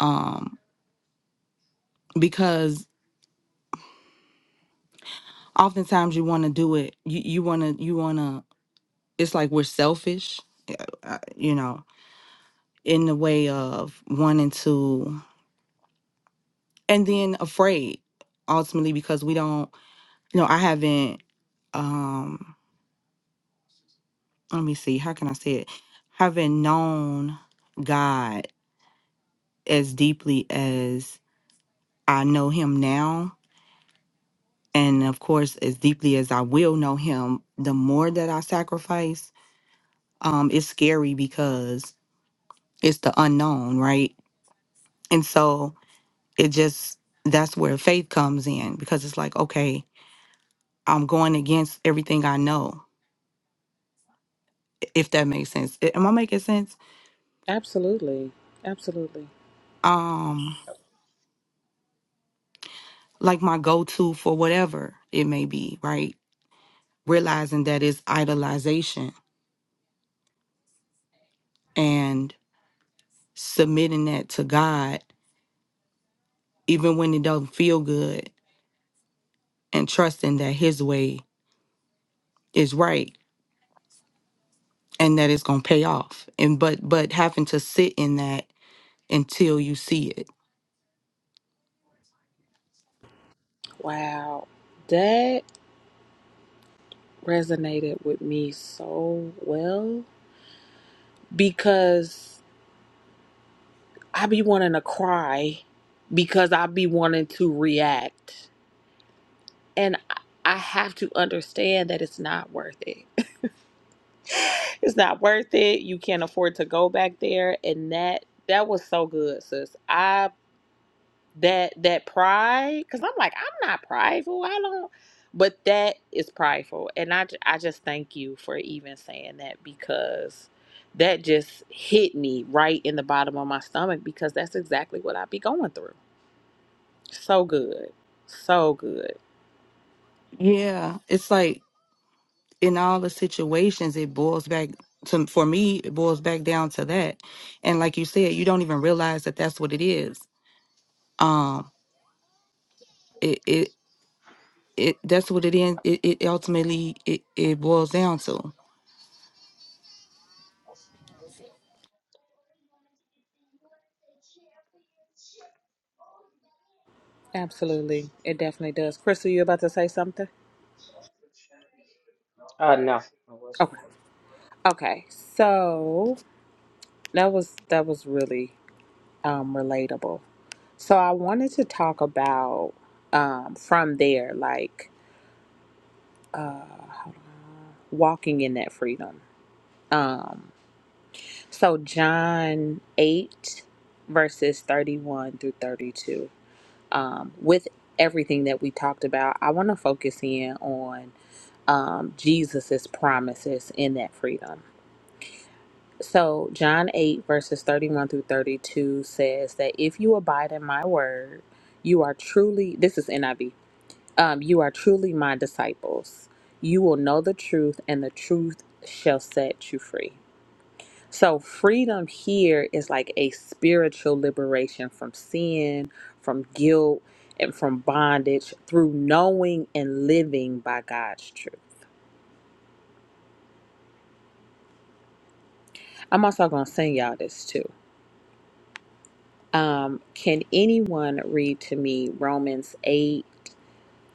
Speaker 5: um because oftentimes you want to do it you you want to you want to it's like we're selfish uh, you know in the way of wanting to and then afraid ultimately because we don't you know i haven't um let me see how can i say it haven't known god as deeply as i know him now and of course as deeply as i will know him the more that i sacrifice um, it's scary because it's the unknown, right? And so it just, that's where faith comes in because it's like, okay, I'm going against everything I know, if that makes sense. A- Am I making sense?
Speaker 1: Absolutely, absolutely.
Speaker 5: Um, like my go to for whatever it may be, right? Realizing that it's idolization and submitting that to God, even when it doesn't feel good, and trusting that His way is right and that it's going to pay off and but but having to sit in that until you see it
Speaker 1: Wow, that resonated with me so well because I be wanting to cry because I be wanting to react. And I I have to understand that it's not worth it. It's not worth it. You can't afford to go back there. And that that was so good, sis. I that that pride, because I'm like, I'm not prideful. I don't but that is prideful. And I, ju- I just thank you for even saying that because that just hit me right in the bottom of my stomach because that's exactly what I be going through So good. So good.
Speaker 5: yeah it's like in all the situations it boils back to for me it boils back down to that and like you said you don't even realize that that's what it is um it it it that's what it is it, it ultimately it, it boils down to
Speaker 1: Absolutely. It definitely does. Crystal, you about to say something?
Speaker 3: Uh, no, I wasn't.
Speaker 1: Okay. Okay. So that was that was really um relatable. So I wanted to talk about um from there, like uh hold on, walking in that freedom. Um so John eight verses thirty one through thirty two. Um with everything that we talked about, I wanna focus in on um, Jesus's promises in that freedom. So John 8 verses 31 through 32 says that if you abide in my word, you are truly this is NIV. Um, you are truly my disciples. You will know the truth and the truth shall set you free. So freedom here is like a spiritual liberation from sin, from guilt, and from bondage through knowing and living by God's truth. I'm also going to send y'all this too Um, can anyone read to me Romans 8,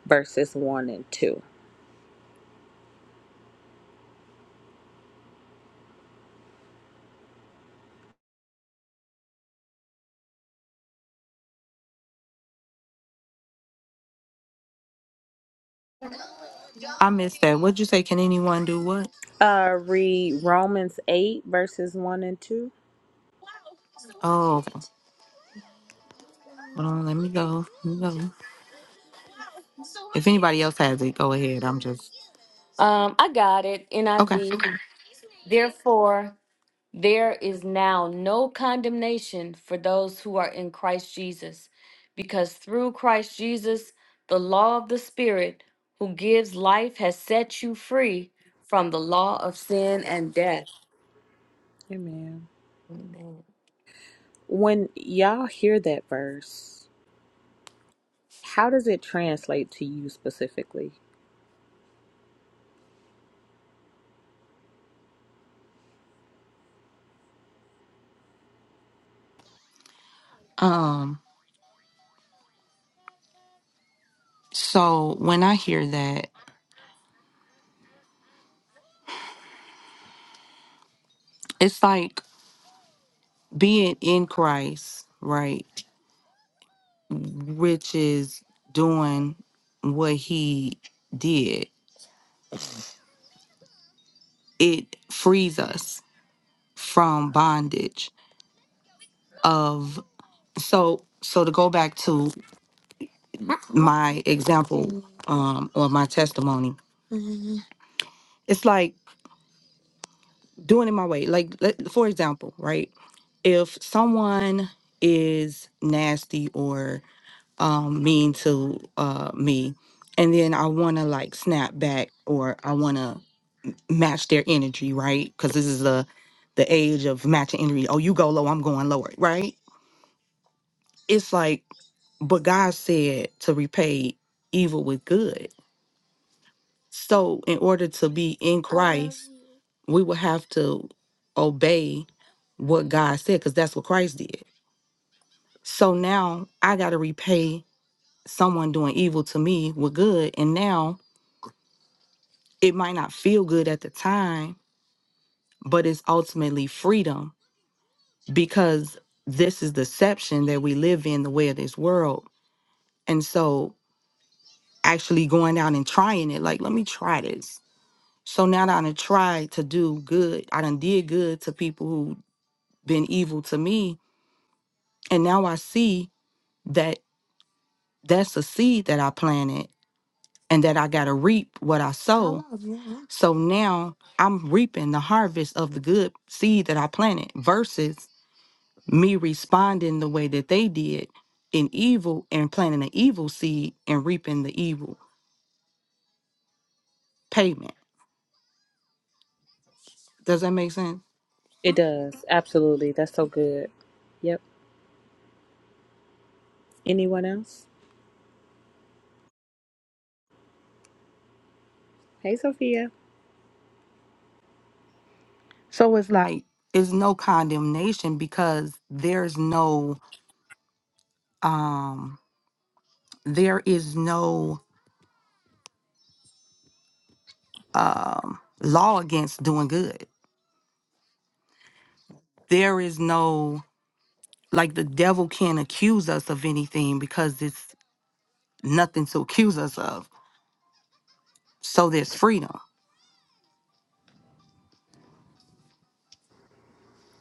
Speaker 1: verses 1 and 2?
Speaker 5: i missed that what'd you say can anyone do what
Speaker 1: Uh, read Romans 8, verses 1 and 2.
Speaker 5: oh okay. hold on let me go let me go if anybody else has it go ahead i'm just
Speaker 2: Um, I got it.
Speaker 5: okay
Speaker 2: NIV. Therefore, There is now no condemnation for those who are in Christ Jesus, because through Christ Jesus, the law of the Spirit who gives life has set you free from the law of sin and death.
Speaker 1: Amen. When y'all hear that verse, how does it translate to you specifically?
Speaker 5: Um. So when I hear that, it's like being in Christ, right? Which is doing what he did. It frees us from bondage of so so to go back to my example um or my testimony. It's like doing it my way. Like let, for example, right? If someone is nasty or. um mean to uh me and then i want to like snap back or i want to match their energy right because this is the the age of matching energy oh you go low i'm going lower right it's like but god said to repay evil with good so in order to be in christ we will have to obey what god said because that's what christ did so now i got to repay someone doing evil to me with good and now it might not feel good at the time, but it's ultimately freedom because this is deception that we live in, the way of this world. And so, actually going out and trying it, like, let me try this. So now that I done tried to do good, I done did good to people who been evil to me. And now I see that that's a seed that I planted and that I got to reap what I sow. So now I'm reaping the harvest of the good seed that I planted versus me responding the way that they did in evil and planting an evil seed and reaping the evil payment. Does that make sense?
Speaker 1: It does. Absolutely. That's so good. Yep. Anyone else? Hey, Sophia.
Speaker 5: So it's like it's no condemnation because there's no um there is no um law against doing good. There is no like the devil can't accuse us of anything because it's nothing to accuse us of. So there's freedom.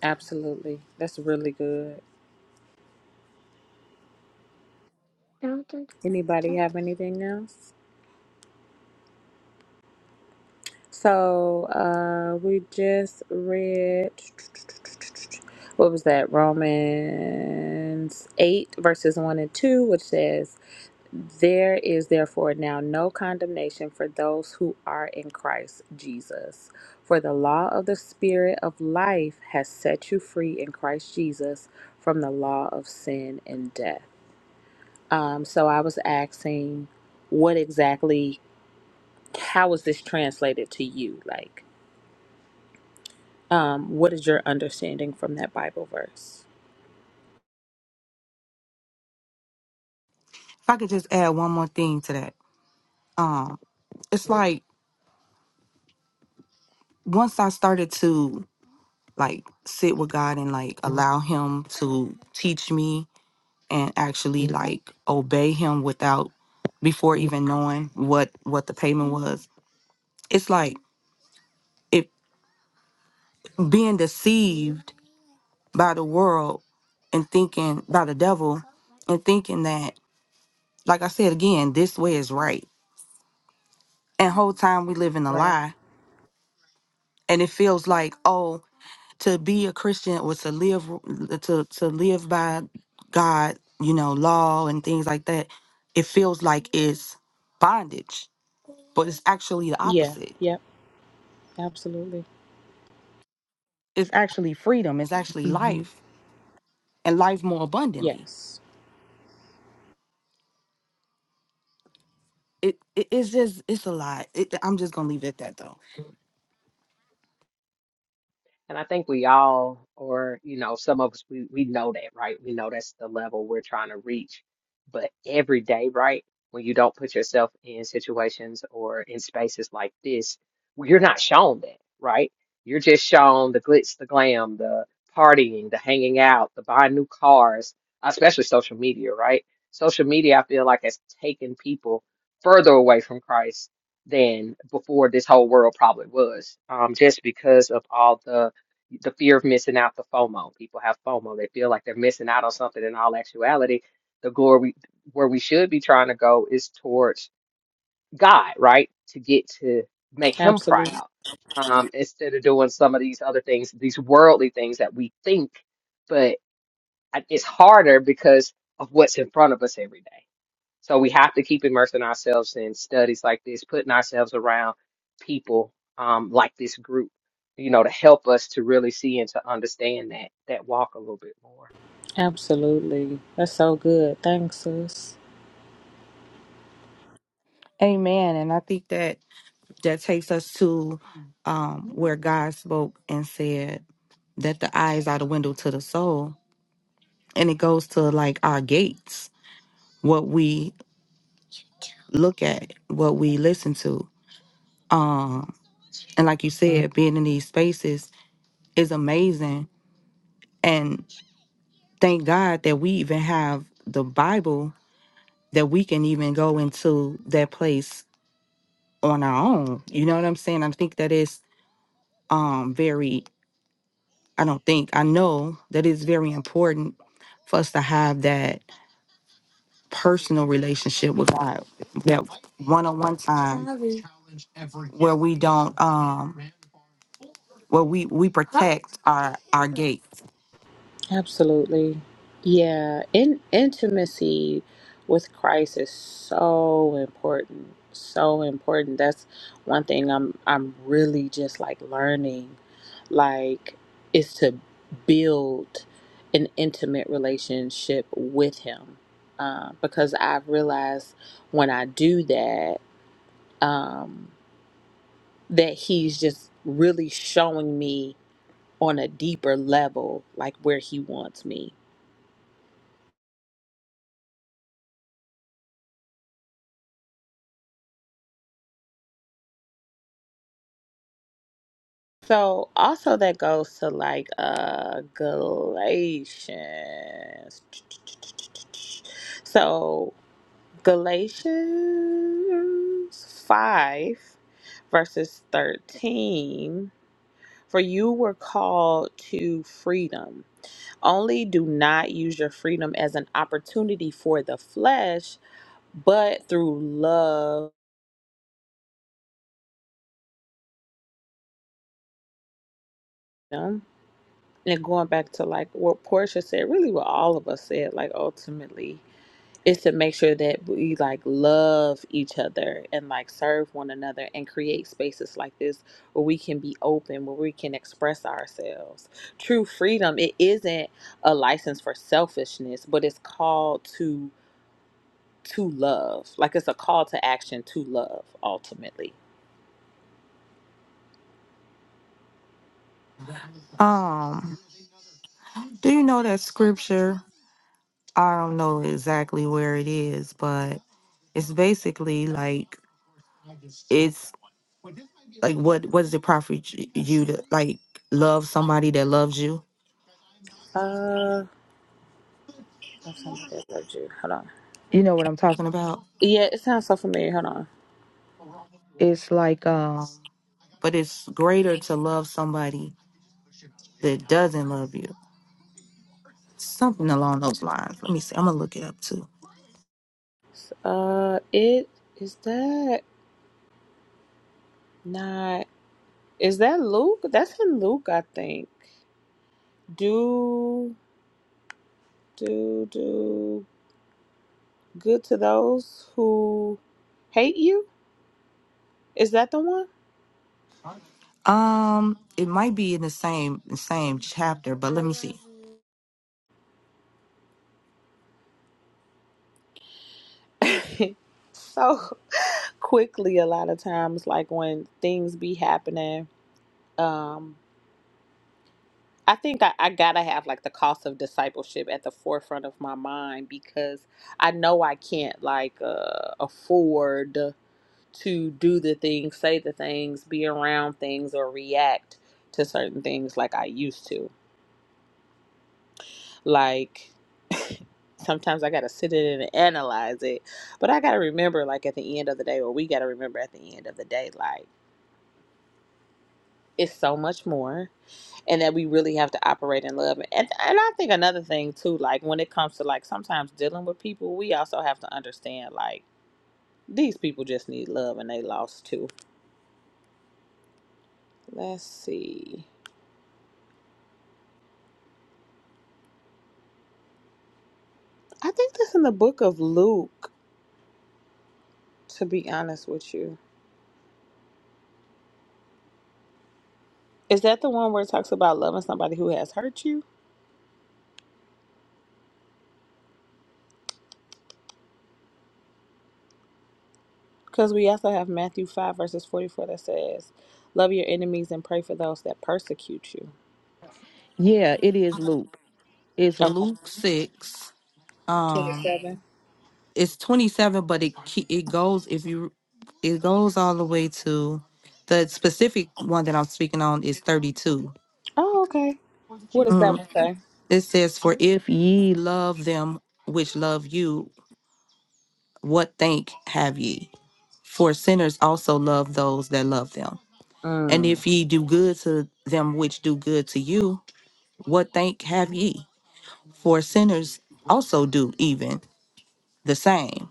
Speaker 1: Absolutely. That's really good. Anybody have anything else? So uh, we just read what was that? Romans eight verses one and two, which says, "There is therefore now no condemnation for those who are in Christ Jesus, for the law of the Spirit of life has set you free in Christ Jesus from the law of sin and death." Um, so I was asking, what exactly? How is this translated to you? Like Um, what is your understanding from that Bible verse?
Speaker 5: If I could just add one more thing to that. Um it's like once I started to like sit with God and like allow Him to teach me and actually like obey Him without before even knowing what what the payment was, it's like it being deceived by the world and thinking by the devil and thinking that like I said again, this way is right. And whole time we live in a
Speaker 1: Right.
Speaker 5: lie and it feels like, oh, to be a Christian was to live to to live by God, you know, law and things like that. It feels like it's bondage, but it's actually the
Speaker 1: Yeah.
Speaker 5: opposite.
Speaker 1: Yep. Absolutely.
Speaker 5: It's actually freedom. It's actually
Speaker 1: hmm
Speaker 5: life and life more abundantly.
Speaker 1: Yes.
Speaker 5: It, it it's just it's a lot. It, I'm just gonna leave it at that though.
Speaker 3: And I think we all, or you know, some of us, we, we know that, right? We know that's the level we're trying to reach. But every day, right, when you don't put yourself in situations or in spaces like this, well, you're not shown that, right? You're just shown the glitz, the glam, the partying, the hanging out, the buying new cars, especially social media, right? Social media, I feel like, has taken people further away from Christ than before this whole world probably was, um, just because of all the the fear of missing out, the FOMO. People have FOMO. They feel like they're missing out on something in all actuality. The glory where we should be trying to go is towards God, right? To get to make him
Speaker 1: Absolutely.
Speaker 3: proud. Um, instead of doing some of these other things, these worldly things that we think, but I- it's harder because of what's in front of us every day. So we have to keep immersing ourselves in studies like this, putting ourselves around people um, like this group, you know, to help us to really see and to understand that that walk a little bit more.
Speaker 1: Absolutely. That's so good. Thanks, sis.
Speaker 5: Amen. And I think that that takes us to um where God spoke and said that the eyes are the window to the soul, and it goes to like our gates what we look at what we listen to. Um, and like you said, being in these spaces is amazing. And thank God that we even have the Bible that we can even go into that place on our own. You know what I'm saying? I think that is um very I don't think I know that it's very important for us to have that personal relationship with God, that one on one time where we don't um well we we protect our our gates
Speaker 1: Absolutely. Yeah, in intimacy with Christ is so important. So important. That's one thing I'm I'm really just like learning like is to build an intimate relationship with him. Uh, because I've realized when I do that, um, that he's just really showing me on a deeper level, like where he wants me So also that goes to like uh Galatians. So Galatians 5 verses 13 for you were called to freedom. Only do not use your freedom as an opportunity for the flesh, but through love. And going back to like what Portia said, really what all of us said, like ultimately is to make sure that we like love each other and like serve one another and create spaces like this where we can be open where we can express ourselves true freedom it isn't a license for selfishness but it's called to to love like it's a call to action to love ultimately
Speaker 5: um do you know that scripture i don't know exactly where it is but it's basically like it's like what what does it profit y- you to like love somebody that loves you
Speaker 1: uh that's somebody that loved you hold on
Speaker 5: you know what i'm talking about
Speaker 1: yeah it sounds so familiar hold on
Speaker 5: it's like um but it's greater to love somebody that doesn't love you something along those lines let me see i'm gonna look it up too
Speaker 1: uh it is that not is that luke that's in luke i think do do do good to those who hate you is that the one
Speaker 5: um it might be in the same same chapter but let me see
Speaker 1: so quickly a lot of times like when things be happening um i think I, I gotta have like the cost of discipleship at the forefront of my mind because i know i can't like uh afford to do the things say the things be around things or react to certain things like i used to Like sometimes I gotta sit in it and analyze it. But I gotta remember, like at the end of the day, or we gotta remember at the end of the day, like it's so much more, and that we really have to operate in love. And and I think another thing too, like when it comes to like sometimes dealing with people, we also have to understand like these people just need love and they lost too. Let's see. I think that's in the book of Luke. To be honest with you, is that the one where it talks about loving somebody who has hurt you? Because we also have Matthew 5, verses 44 that says, Love your enemies and pray for those that persecute you.
Speaker 5: Yeah, it is Luke. It's
Speaker 1: Oh,
Speaker 5: Luke six. Um,
Speaker 1: 27.
Speaker 5: it's twenty seven, but it ke- it goes if you it goes all the way to the specific one that I'm speaking on is thirty two.
Speaker 1: Oh, okay. What does that
Speaker 5: Mhm.
Speaker 1: one say?
Speaker 5: It says, "For if ye love them which love you, what thank have ye? For sinners also love those that love them. And
Speaker 1: Mm,
Speaker 5: if ye do good to them which do good to you, what thank have ye? For sinners also do even the same."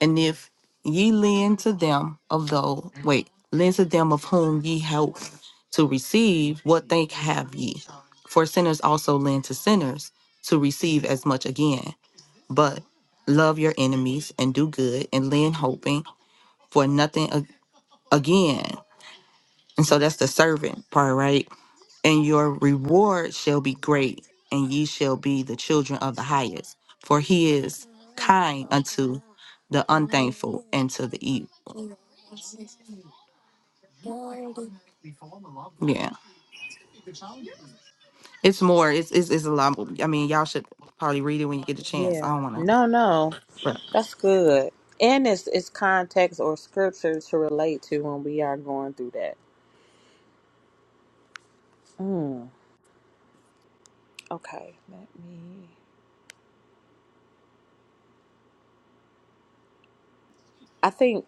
Speaker 5: And if ye lend to them of those, wait, lend to them of whom ye hope to receive, what thank have ye? For sinners also lend to sinners to receive as much again. But love your enemies and do good and lend hoping for nothing a- again. And so that's the servant part, right? And your reward shall be great, and ye shall be the children of the highest. For he is kind unto the unthankful and to the evil. Yeah, it's more. It's it's, it's a lot. more- I mean, y'all should probably read it when you get a chance. I don't
Speaker 1: yeah.
Speaker 5: want to,
Speaker 1: No, no.
Speaker 5: but
Speaker 1: That's good. And it's, it's context or scripture to relate to when we are going through that. Mm, okay. Let me. I think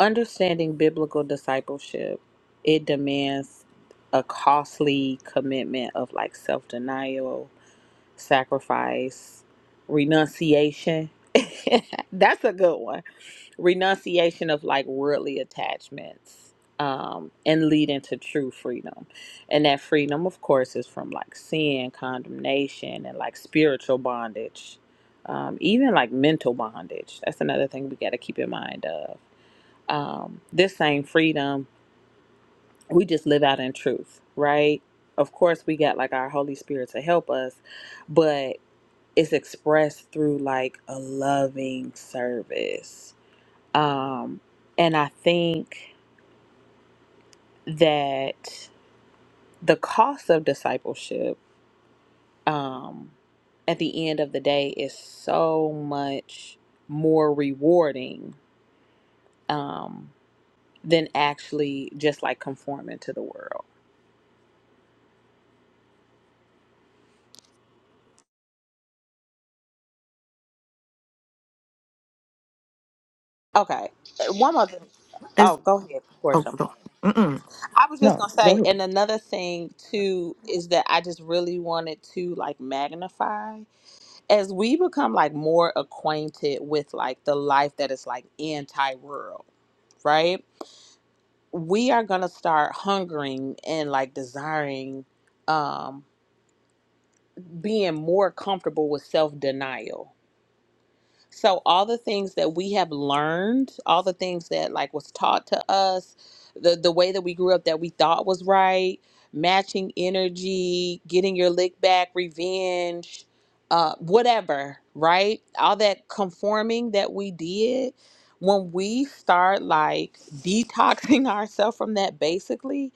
Speaker 1: understanding biblical discipleship, it demands a costly commitment of like self denial sacrifice, renunciation. That's a good one. Renunciation of like worldly attachments um, and leading to true freedom. And that freedom, of course, is from like sin, condemnation, and like spiritual bondage, um, even like mental bondage. That's another thing we got to keep in mind of. Um, this same freedom, we just live out in truth, right? Of course, we got like our Holy Spirit to help us, but it's expressed through like a loving service. Um, and I think that the cost of discipleship um, at the end of the day is so much more rewarding um, than actually just like conforming to the world. Okay. One other.
Speaker 5: it's
Speaker 1: Oh, go ahead,
Speaker 5: oh,
Speaker 1: Portia.
Speaker 5: oh, mm-mm.
Speaker 1: I was just gonna say, and another thing too is that I just really wanted to like magnify as we become like more acquainted with like the life that is like anti-rural right we are going to start hungering and like desiring um being more comfortable with self-denial So all the things that we have learned, all the things that like was taught to us, the the way that we grew up that we thought was right, matching energy, getting your lick back, revenge, uh, whatever, right? All that conforming that we did, when we start like detoxing ourselves from that, basically,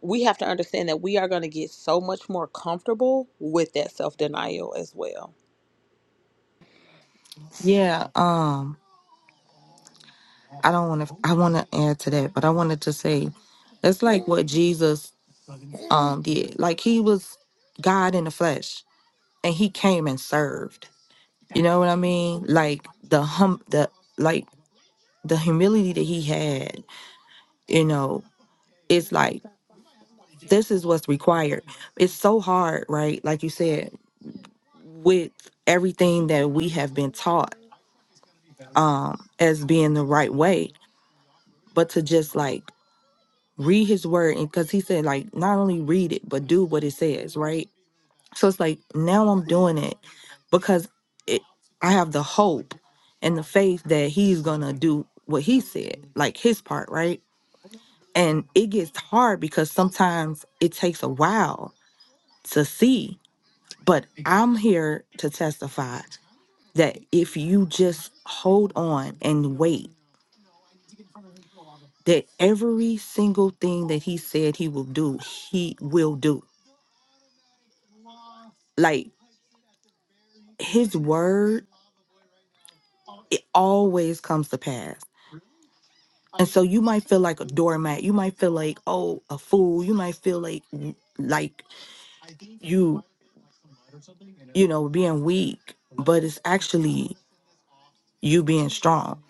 Speaker 1: we have to understand that we are going to get so much more comfortable with that self denial as well
Speaker 5: yeah. Um, I don't want to. I want to add to that, but I wanted to say that's like what Jesus um did. Like he was God in the flesh, and he came and served. You know what I mean? Like the hum, the like the humility that he had. You know, it's like this is what's required. It's so hard, right? Like you said with everything that we have been taught um as being the right way but to just like read his word and because he said like not only read it but do what it says right so it's like now i'm doing it because it i have the hope and the faith that he's gonna do what he said like his part right and it gets hard because sometimes it takes a while to see but i'm here to testify that if you just hold on and wait, that every single thing that he said he will do, he will do. Like his word, it always comes to pass. And so you might feel like a doormat. You might feel like, oh, a fool. You might feel like like you, you know, being weak, but it's actually you being strong.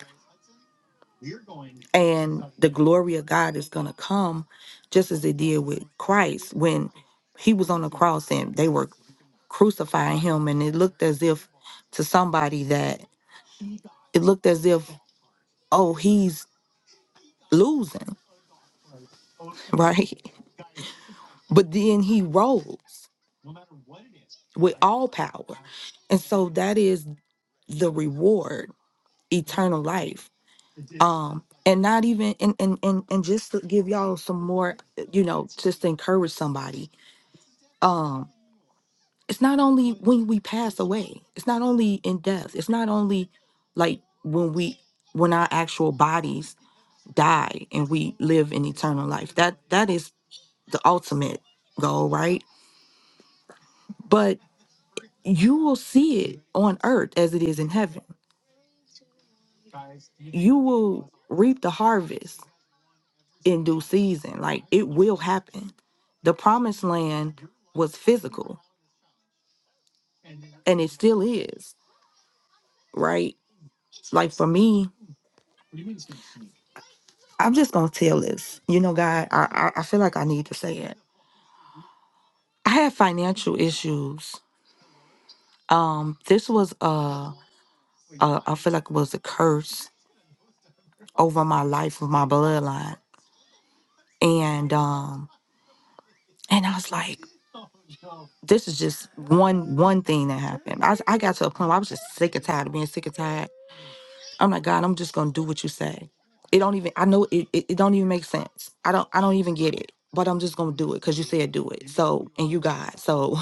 Speaker 5: and the glory of God is going to come just as it did with Christ when he was on the cross and they were crucifying him and it looked as if to somebody that it looked as if oh he's losing right but then he rose with all power and so that is the reward eternal life um and not even and and and, and just to give y'all some more you know just to encourage somebody um it's not only when we pass away it's not only in death it's not only like when we when our actual bodies die and we live in eternal life that that is the ultimate goal right but you will see it on earth as it is in heaven you will reap the harvest in due season like it will happen the promised land was physical and it still is right like for me I'm just gonna tell this. You know, God, I, I I feel like I need to say it. I had financial issues. Um, this was a, a I feel like it was a curse over my life with my bloodline, and um, and I was like, this is just one one thing that happened. I I got to a point where I was just sick and tired of being sick and tired. I'm like, God, I'm just gonna do what you say. It don't even. I know it. It, it don't even make sense. I don't. I don't even get it. But I'm just gonna do it because you said do it. So and you God. So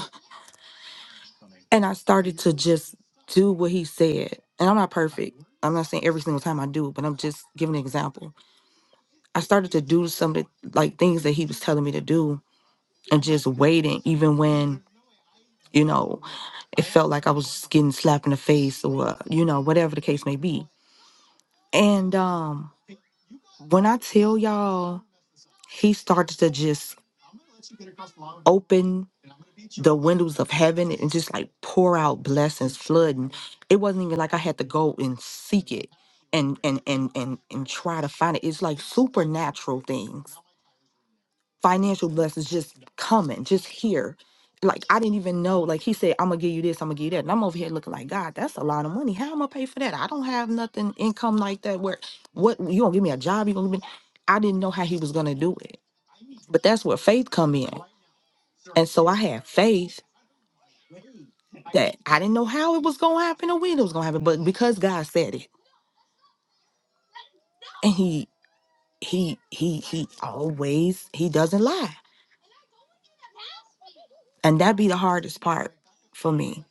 Speaker 5: And I started to just do what he said. And I'm not perfect. I'm not saying every single time I do, it, but I'm just giving an example. I started to do some of the like things that he was telling me to do and just waiting, even when, you know, it felt like I was just getting slapped in the face or, you know, whatever the case may be. And um When I tell y'all, he started to just open the windows of heaven and just like pour out blessings, flooding. It wasn't even like I had to go and seek it and and and and and try to find it. It's like supernatural things financial blessings just coming, just here. Like I didn't even know. Like he said, I'm gonna give you this, I'm gonna give you that. And I'm over here looking like God, that's a lot of money. How am I gonna pay for that? I don't have nothing income like that. Where what you gonna give me a job? You gonna give me I didn't know how he was gonna do it. But that's where faith come in. And so I had faith that I didn't know how it was gonna happen or when it was gonna happen. But because God said it and he he he he always he doesn't lie. And that be the hardest part for me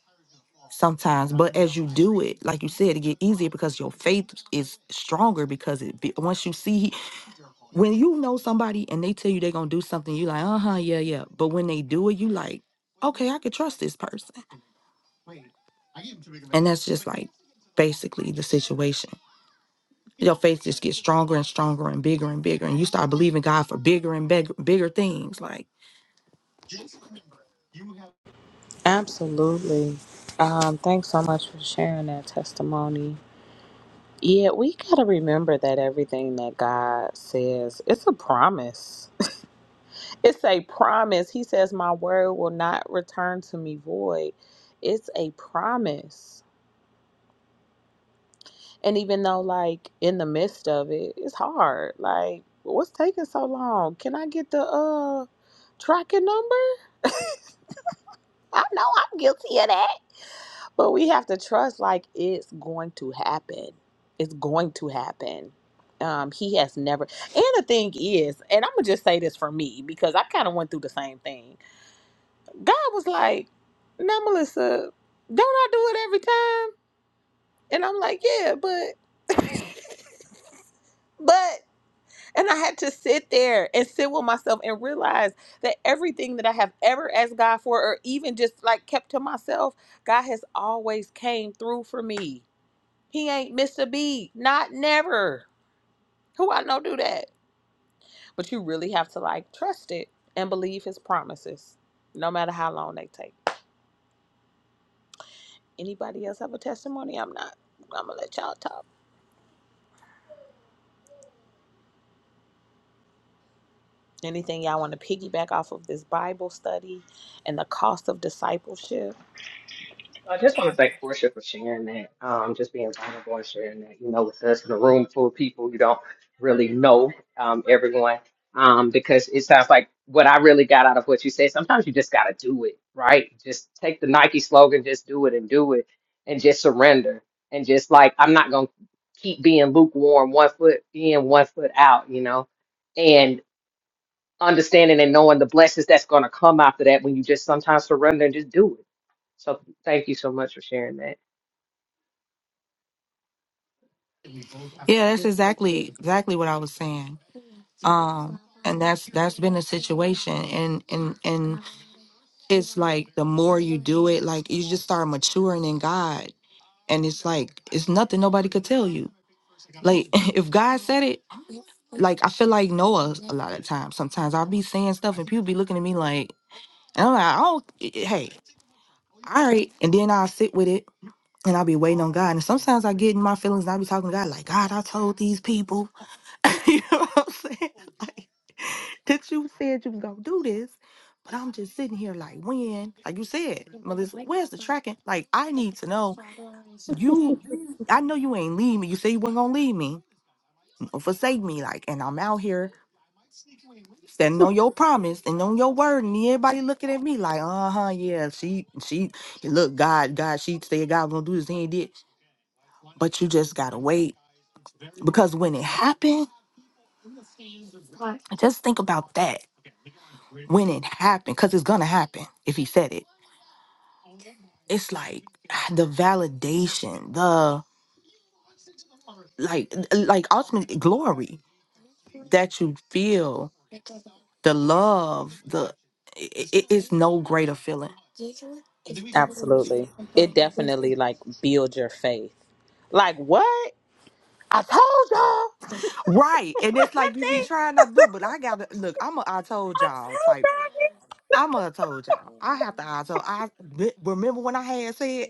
Speaker 5: sometimes. But as you do it, like you said, it get easier because your faith is stronger because it be, once you see he- when you know somebody and they tell you they're gonna do something, you like, uh huh, yeah, yeah. But when they do it, you like, okay, I could trust this person. And that's just like basically the situation. Your faith just gets stronger and stronger and bigger and bigger, and you start believing God for bigger and bigger, bigger things. Like,
Speaker 1: Absolutely. Um, thanks so much for sharing that testimony. Yeah, we got to remember that everything that God says, it's a promise. it's a promise. He says, My word will not return to me void. It's a promise. And even though, like, in the midst of it, it's hard. Like, what's taking so long? Can I get the uh tracking number? I know I'm guilty of that. But we have to trust, like, it's going to happen. It's going to happen. Um, he has never. And the thing is, and I'm going to just say this for me because I kind of went through the same thing. God was like, now, Melissa, don't I do it every time? And I'm like, yeah, but. but And I had to sit there and sit with myself and realize that everything that I have ever asked God for or even just like kept to myself, God has always came through for me. He ain't missed a beat, not never. Who I know do that. But you really have to like trust it and believe his promises, no matter how long they take. Anybody else have a testimony? I'm not. I'm gonna let y'all talk. Anything y'all want to piggyback off of this Bible study and the cost of discipleship?
Speaker 3: I just want to thank Portia for sharing that, um, just being vulnerable and sharing that. You know, with us in a room full of people, you don't really know um, everyone um, because it sounds like what I really got out of what you said. Sometimes you just got to do it, right? Just take the Nike slogan, just do it and do it, and just surrender and just like I'm not gonna keep being lukewarm, one foot in, one foot out, you know understanding and knowing the blessings that's going to come after that when you just sometimes surrender and just do it. So thank you so much for sharing that.
Speaker 5: yeah, that's exactly exactly what I was saying. um and that's that's been a situation and and and it's like the more you do it like you just start maturing in god and it's like it's nothing nobody could tell you like if god said it like i feel like noah a lot of times sometimes i'll be saying stuff and people be looking at me like and i'm like oh hey all right and then i'll sit with it and I'll be waiting on God. And sometimes I get in my feelings and I'll be talking to God, like, God, I told these people. you know what I'm saying? that you said you was gonna do this. But I'm just sitting here like, when, like you said, Melissa, where's the tracking? Like, I need to know you. I know you ain't leave me. You say you weren't gonna leave me or forsake me. Like, and I'm out here standing on your promise and on your word, and everybody looking at me like, uh huh, yeah, she, she, look, God, God, she said God gonna do this, he ain't did. But you just gotta wait because when it happened, just think about that. When it happened, because it's gonna happen if he said it it's like ah, the validation, the like like ultimate glory that you feel, the love, the it, it- it's no greater feeling.
Speaker 1: Absolutely. It definitely like builds your faith. Like what? I told y'all.
Speaker 5: Right. And it's
Speaker 1: I
Speaker 5: like you be
Speaker 1: think
Speaker 5: trying not to do it, but I gotta look, I'm a I told
Speaker 1: I
Speaker 5: y'all
Speaker 1: told
Speaker 5: type.
Speaker 1: y'all.
Speaker 5: I'm a I told y'all. I have to I told I re- remember when I had said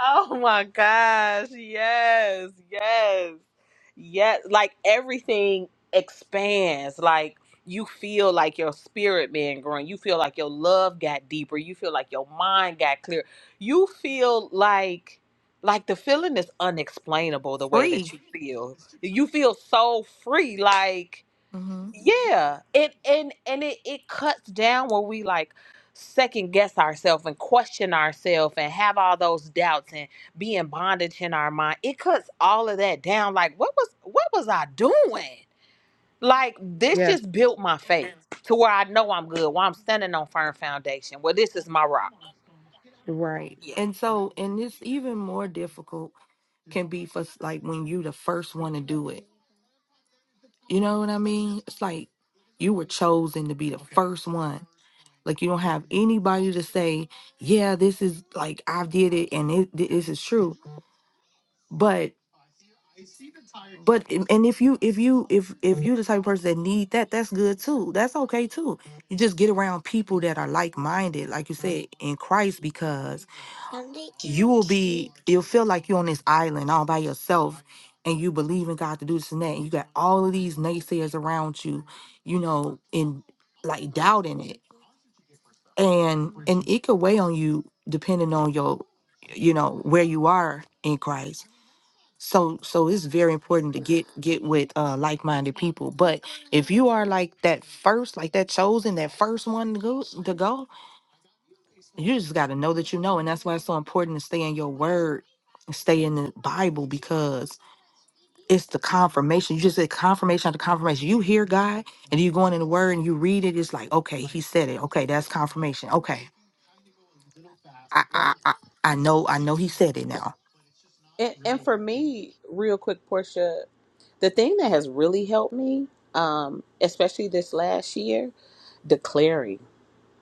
Speaker 1: Oh my gosh. Yes. Yes. Yes. Like everything expands. Like you feel like your spirit being grown. You feel like your love got deeper. You feel like your mind got clear. You feel like like the feeling is unexplainable the way that
Speaker 5: free.
Speaker 1: you feel. You feel so free. Like
Speaker 5: hmm
Speaker 1: yeah, it and and it it cuts down where we like second guess ourselves and question ourselves and have all those doubts and be in bondage in our mind. It cuts all of that down. Like what was what was I doing? Like this
Speaker 5: Yeah.
Speaker 1: just built my faith to where I know I'm good. Where I'm standing on firm foundation. Well, this is my rock.
Speaker 5: Right.
Speaker 1: Yeah.
Speaker 5: And so and it's even more difficult can be for s- like when you the first one to do it You know what I mean? It's like you were chosen to be the first one. Like you don't have anybody to say, "Yeah, this is like I did it and it, thi- this is true." But. But and and if you if you if if you're the type of person that need that, that's good too. That's okay too. You just get around people that are like minded, like you said, in Christ, because you will be you'll feel like you're on this island all by yourself and you believe in God to do this and that, and you got all of these naysayers around you, you know, in like doubting it. And and it could weigh on you depending on your you know, where you are in Christ so so it's very important to get get with uh like-minded people but if you are like that first like that chosen that first one to go to go you just got to know that you know and that's why it's so important to stay in your word and stay in the bible because it's the confirmation you just said confirmation after confirmation you hear god and you going in the word and you read it it's like okay he said it okay that's confirmation okay i
Speaker 1: Yeah.
Speaker 5: i i, I know i know he said it now
Speaker 1: And, and for me, real quick, Portia, the thing that has really helped me, um, especially this last year, declaring.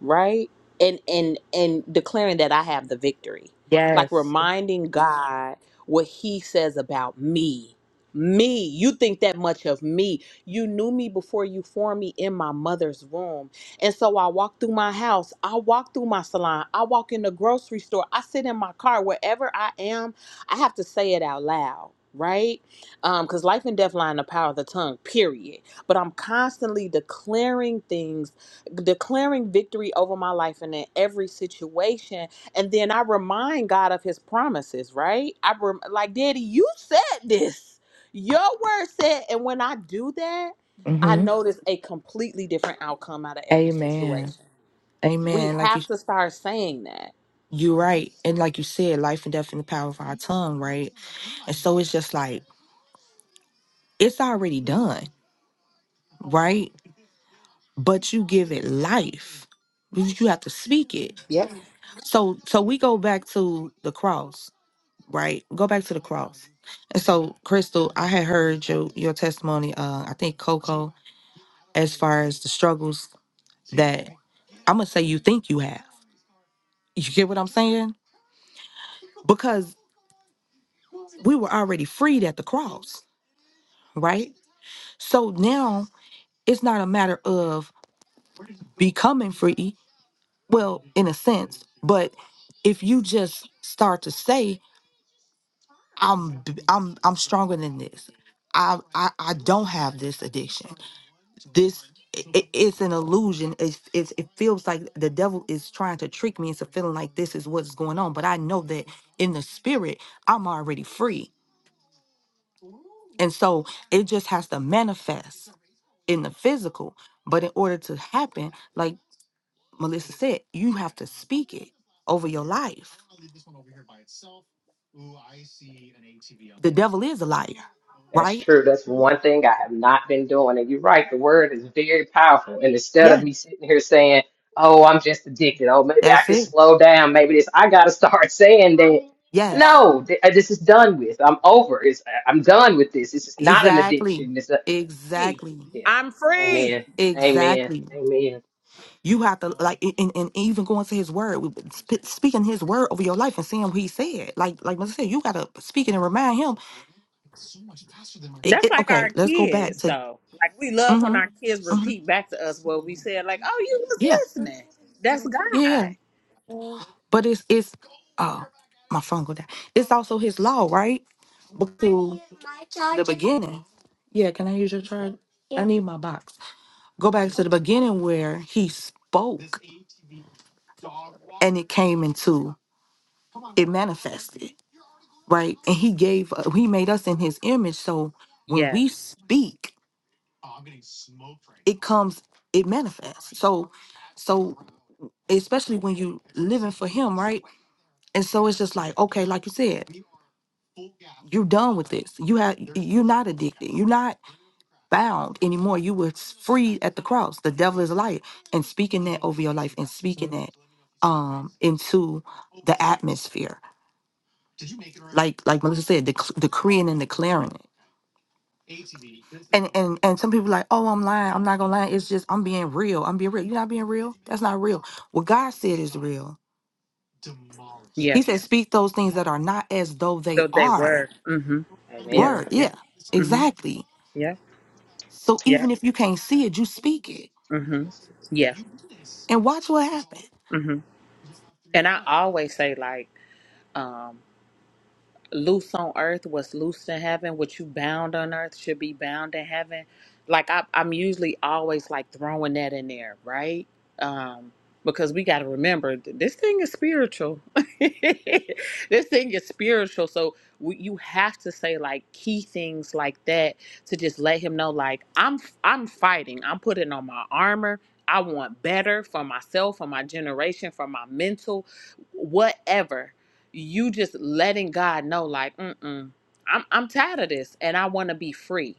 Speaker 1: right and and and declaring that i have the victory like
Speaker 5: yes
Speaker 1: reminding god what he says about me me you think that much of me you knew me before you formed me in my mother's womb and so i walk through my house i walk through my salon i walk in the grocery store i sit in my car wherever i am i have to say it out loud right um because life and death lie in the power of the tongue period but i'm constantly declaring things declaring victory over my life and in every situation and then i remind god of his promises right i rem- like daddy you said this your word said and when i do that i
Speaker 5: mm-hmm
Speaker 1: notice a completely different outcome out of every
Speaker 5: amen
Speaker 1: situation we
Speaker 5: Amen. Like you,
Speaker 1: have to start saying that
Speaker 5: you're right, and like you said, life and death in the power of our tongue, right? And so it's just like it's already done, right? But you give it life. You you have to speak it.
Speaker 1: Yep.
Speaker 5: So, so we go back to the cross, right? Go back to the cross. And so, Crystal, I had heard your your testimony. Uh, I think Coco, as far as the struggles that I'm gonna say you think you have. You get what I'm saying? Because we were already freed at the cross, right? So now it's not a matter of becoming free, well, in a sense, but if you just start to say, I'm b- I'm I'm stronger than this. I I, I don't have this addiction. This it, it's an illusion. It's, it's it feels like the devil is trying to trick me into feeling like this is what's going on. But I know that in the spirit, I'm already free. And so it just has to manifest in the physical. But in order to happen, like Melissa said, you have to speak it over your life. The devil is a liar,
Speaker 3: That's
Speaker 5: right?
Speaker 3: true. That's one thing I have not been doing. And you're right, the word is very powerful. And instead of me sitting here saying, oh, I'm just addicted. Oh, maybe I
Speaker 5: That's
Speaker 3: can
Speaker 5: it.
Speaker 3: slow down. Maybe this, I got to start saying that.
Speaker 5: Yes,
Speaker 3: No, th- uh, this is done with. I'm over. It's, uh, I'm done with this. This is not an
Speaker 5: exactly.
Speaker 3: addiction. It's a,
Speaker 1: free.
Speaker 5: Exactly.
Speaker 3: yeah.
Speaker 1: I'm free.
Speaker 3: Amen. Amen.
Speaker 5: Exactly.
Speaker 3: Amen.
Speaker 5: You have to like and, and and even going to his word, we- sp- speaking his word over your life and seeing what he said. Like like Melissa said, you gotta speak it and remind him. It,
Speaker 1: That's
Speaker 5: it,
Speaker 1: like
Speaker 5: okay,
Speaker 1: our
Speaker 5: let's go back
Speaker 1: kids,
Speaker 5: to
Speaker 1: though. Like we love when
Speaker 5: mm-hmm,
Speaker 1: our kids
Speaker 5: hmm
Speaker 1: repeat back to us what we said. Like, oh, you was
Speaker 5: Yeah,
Speaker 1: listening. That's
Speaker 5: yeah, yeah.
Speaker 1: God.
Speaker 5: But it's it's oh. my phone go down. It's also his law, right? But the beginning. Yeah, can I use your charge? I need my box. Go back to the beginning where he spoke and it came into it manifested, right? And he gave he made us in his image. So when we
Speaker 1: Yes.
Speaker 5: speak, it comes, it manifests. So so especially when you living for him, right? And so it's just like, okay, like you said, you're done with this. You have you're not addicted. You're not bound anymore. You were s- free at the cross. The devil is a liar. And speaking that over your life and speaking that um into the atmosphere. Like like Melissa said, dec- decreeing and declaring it. And and and some people like, oh, I'm lying. I'm not gonna lie. It's just I'm being real. I'm being real. You're not being real. That's not real. What God said is real.
Speaker 1: Yes.
Speaker 5: He said, Speak those things that are not as though they
Speaker 1: So they
Speaker 5: are.
Speaker 1: were. Mm-hmm. Yeah.
Speaker 3: Amen.
Speaker 5: Word.
Speaker 1: Yeah.
Speaker 5: Yeah,
Speaker 1: Mm-hmm.
Speaker 5: exactly.
Speaker 1: Yeah.
Speaker 5: So
Speaker 1: Yeah.
Speaker 5: even if you can't see it, you speak it
Speaker 1: Mm-hmm.
Speaker 3: Yes.
Speaker 1: Yeah.
Speaker 5: and watch what happens.
Speaker 1: Mm-hmm. And I always say like, um, loose on earth what's loose in heaven what you bound on earth should be bound in heaven like I, i'm usually always like throwing that in there right um because we got to remember th- this thing is spiritual this thing is spiritual so we, you have to say like key things like that to just let him know like i'm i'm fighting i'm putting on my armor i want better for myself for my generation for my mental whatever you just letting God know, like, mm-mm, I'm I'm tired of this, and I want to be free.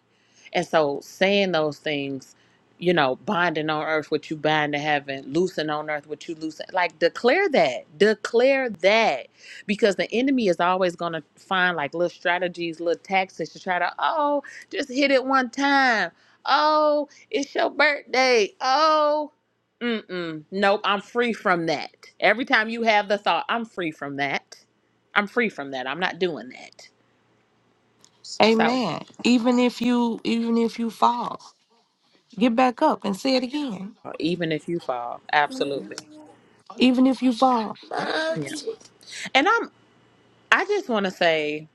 Speaker 1: And so, saying those things, you know, binding on earth what you bind in heaven, loosing on earth what you loosen, like declare that, declare that, because the enemy is always going to find like little strategies, little tactics to try to, oh, just hit it one time. Oh, it's your birthday. Oh, Mm-mm. Nope, I'm free from that. Every time you have the thought, I'm free from that. I'm free from that. I'm not doing that. So
Speaker 5: Amen. Even if you even if you fall, get back up and say it again.
Speaker 1: even if you fall, absolutely.
Speaker 5: Even if you fall.
Speaker 1: Yeah. And I'm I just wanna say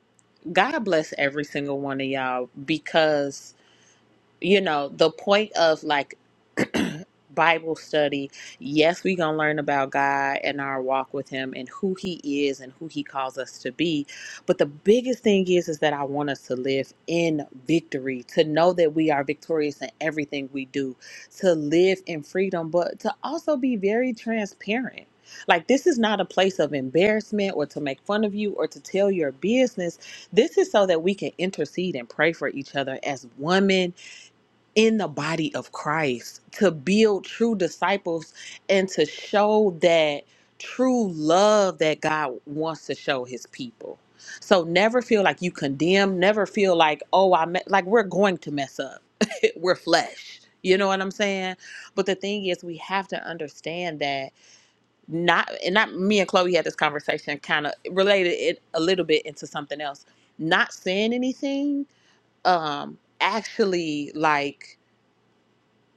Speaker 1: God bless every single one of y'all because you know, the point of like Bible study, yes, we're going to learn about God and our walk with him and who he is and who he calls us to be. But the biggest thing is is that I want us to live in victory, to know that we are victorious in everything we do, to live in freedom, but to also be very transparent. Like this is not a place of embarrassment or to make fun of you or to tell your business. This is so that we can intercede and pray for each other as women in the body of Christ to build true disciples and to show that true love that God wants to show his people. So never feel like you condemn, never feel like, oh, I me-, like we're going to mess up. It, we're flesh. You know what I'm saying? But the thing is we have to understand that not and not me and Chloe had this conversation kind of related it a little bit into something else. Not saying anything um actually like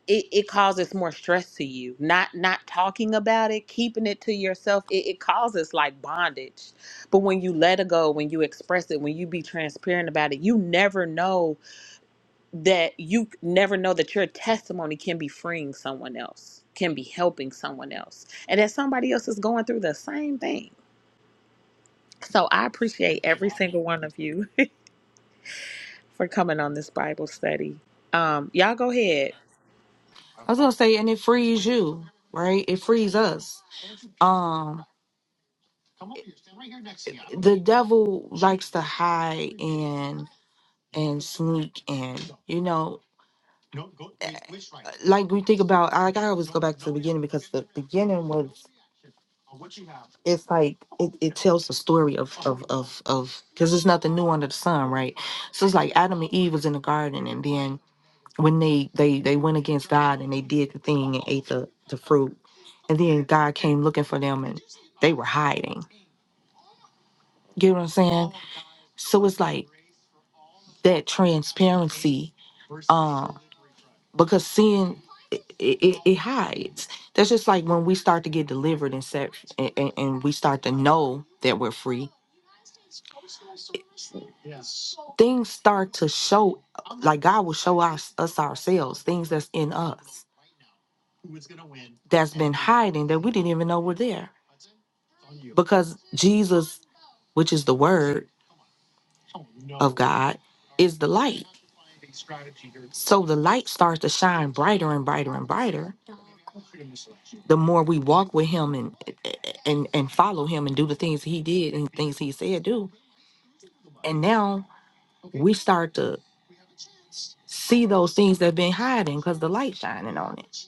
Speaker 1: it, it causes more stress to you not not talking about it keeping it to yourself it, it causes like bondage but when you let it go when you express it when you be transparent about it you never know that you never know that your testimony can be freeing someone else can be helping someone else and that somebody else is going through the same thing so i appreciate every single one of you for coming on this bible study um y'all go ahead
Speaker 5: I was gonna say, and it frees you, right? It frees us. Um the devil likes to hide and and sneak and you know like we think about I gotta always go back to the beginning because the beginning was it's like it, it tells the story of of of of because there's nothing new under the sun, right? So it's like Adam and Eve was in the garden and then when they they they went against God and they did the thing and ate the, the fruit and then God came looking for them and they were hiding. Get what I'm saying? So it's like that transparency um because sin it, it, it hides that's just like when we start to get delivered and set and, and, and we start to know that we're free things start to show like god will show us us ourselves things that's in us that's been hiding that we didn't even know were there because jesus which is the word of God. is the light. So the light starts to shine brighter and brighter and brighter. The more we walk with him and and and follow him and do the things he did and things he said do, and now we start to see those things that have been hiding because the light shining on it.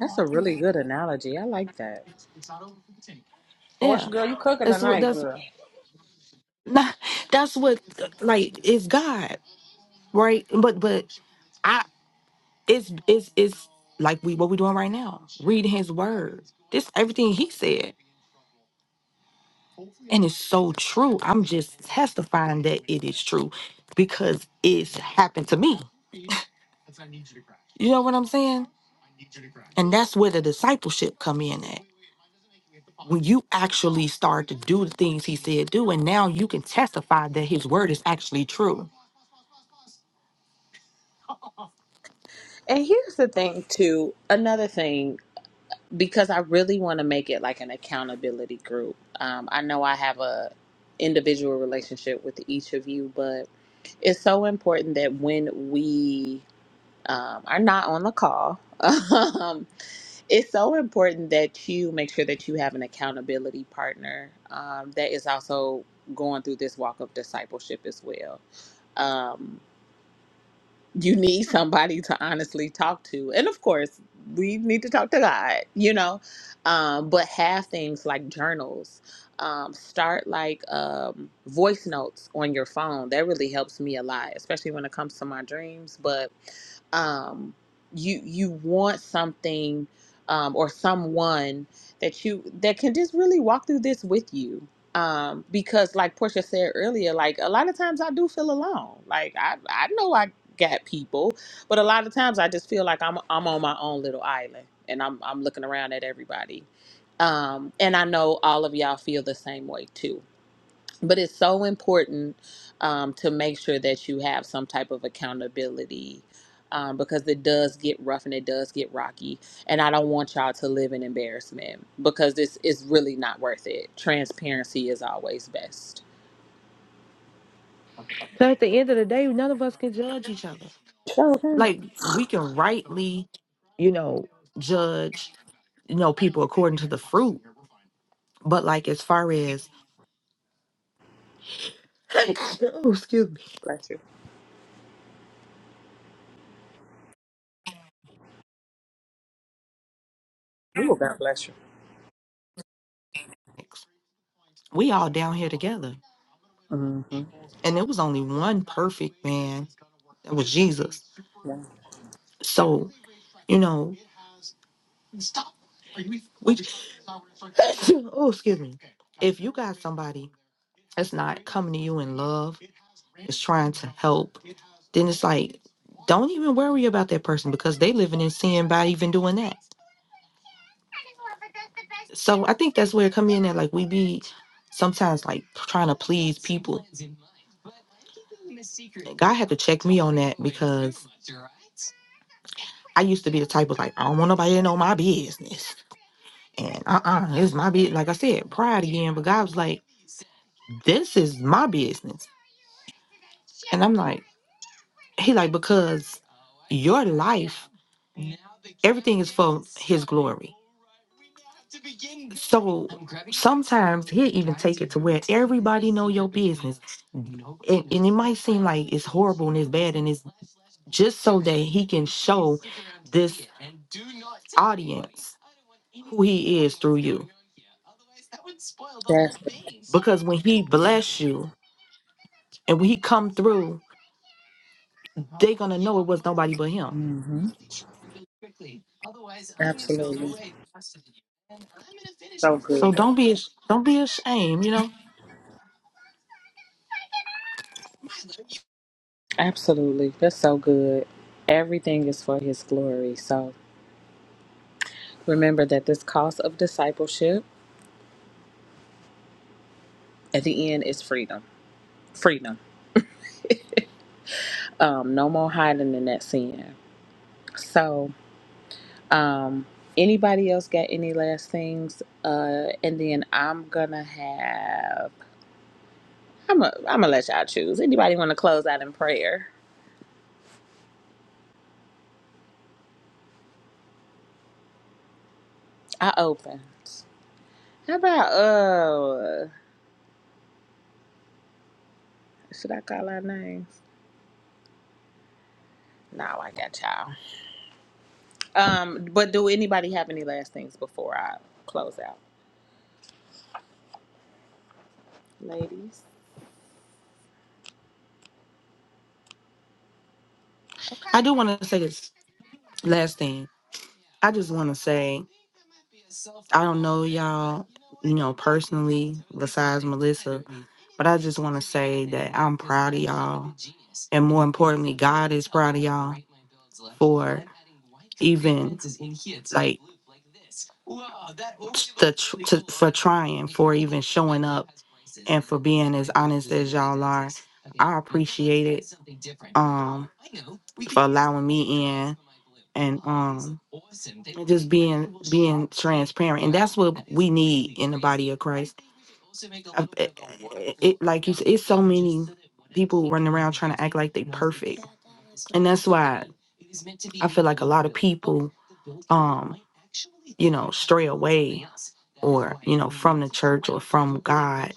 Speaker 1: that's a really good analogy i like that
Speaker 5: Yeah,
Speaker 4: Portia, girl, you cooking
Speaker 5: that's what
Speaker 4: tonight,
Speaker 5: that's
Speaker 4: girl.
Speaker 5: not. That's what like it's God, right? But but I it's it's it's like we what we doing right now, reading His Word. This everything He said. And it's so true. I'm just testifying that it is true because it's happened to me. You know what I'm saying? And that's where the discipleship come in at. When you actually start to do the things he said do, and now you can testify that his word is actually true.
Speaker 1: And here's the thing, too. Another thing, because I really want to make it like an accountability group. Um, I know I have a individual relationship with each of you, but it's so important that when we um, are not on the call, um, it's so important that you make sure that you have an accountability partner um, that is also going through this walk of discipleship as well. Um, you need somebody to honestly talk to and of course we need to talk to god you know um, but have things like journals um, start like um, voice notes on your phone that really helps me a lot especially when it comes to my dreams but um, you you want something um, or someone that you that can just really walk through this with you um, because like portia said earlier like a lot of times i do feel alone like i i know i at people. But a lot of times I just feel like I'm I'm on my own little island and I'm I'm looking around at everybody. Um, and I know all of y'all feel the same way too. But it's so important um, to make sure that you have some type of accountability um, because it does get rough and it does get rocky. And I don't want y'all to live in embarrassment because this is really not worth it. Transparency is always best.
Speaker 5: Because at the end of the day, none of us can judge each other.
Speaker 1: Sure.
Speaker 5: Like we can rightly, you know, judge, you know, people according to the fruit. But like as far as oh, excuse
Speaker 1: Bless you. Ooh, God bless you.
Speaker 5: me. we all down here together.
Speaker 1: Mm-hmm.
Speaker 5: And there was only one perfect man that was Jesus. So, you know, we oh excuse me. If you got somebody that's not coming to you in love, is trying to help, then it's like don't even worry about that person because they living in sin by even doing that. So I think that's where it come in that like we be sometimes like trying to please people. God had to check me on that because I used to be the type of like, I don't want nobody to know my business. And uh-uh, it's my business. Like I said, pride again. But God was like, this is my business. And I'm like, he like because your life, everything is for His glory. So sometimes He even take it to where everybody know your business, and, and it might seem like it's horrible and it's bad and it's just so that He can show this audience who He is through you.
Speaker 1: Yeah.
Speaker 5: Because when He bless you and when He come through they gonna know it was nobody but him.
Speaker 1: hmm Absolutely. So good.
Speaker 5: So don't be don't be ashamed. You know,
Speaker 1: Absolutely. That's so good. Everything is for his glory. So remember that this cost of discipleship at the end is freedom. Freedom. Um, no more hiding in that sin. So, um, anybody else got any last things? Uh, and then I'm gonna have I'm gonna I'm gonna let y'all choose. Anybody want to close out in prayer? I open. How about uh? Should I call our names? Now I got y'all. Um, but do anybody have any last things before I close out, ladies? Okay.
Speaker 5: I do want to say this last thing. I just want to say, I don't know y'all, you know, personally, besides Melissa, but I just want to say that I'm proud of y'all. And more importantly, God is proud of y'all for even like the tr- to, for trying, for even showing up, and for being as honest as y'all are. I appreciate it um, for allowing me in and um, and just being being transparent. And that's what we need in the body of Christ. I- I- It, like you said, it's so many people running around trying to act like they perfect. And that's why I feel like a lot of people um you know stray away or you know from the church or from God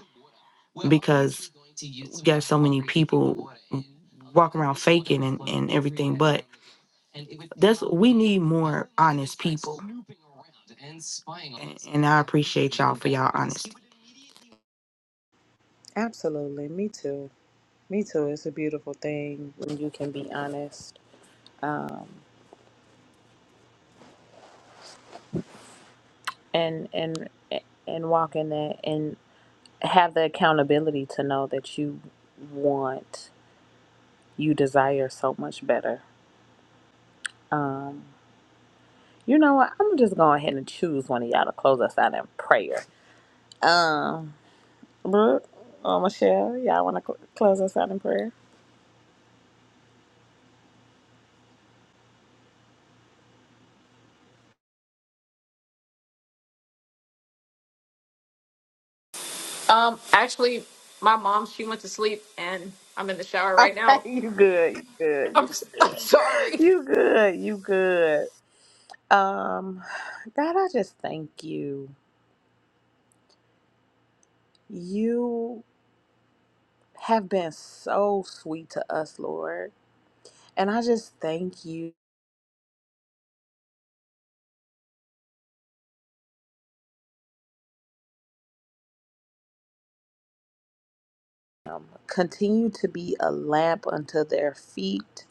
Speaker 1: Absolutely. Me too. Me too. It's a beautiful thing when you can be honest um, and and and walk in that and have the accountability to know that you want, you desire so much better. Um, you know what? I'm just go ahead and choose one of y'all to close us out in prayer. Um, Brooke or Michelle, y'all want to cl- close us out in prayer?
Speaker 2: Um, actually, my mom she went to sleep, and I'm in the shower right now.
Speaker 1: Okay, you good, you good,
Speaker 2: I'm, I'm sorry.
Speaker 1: you good, you good. Um, God, I just thank you. You have been so sweet to us, Lord, and I just thank you. Continue to be a lamp unto their feet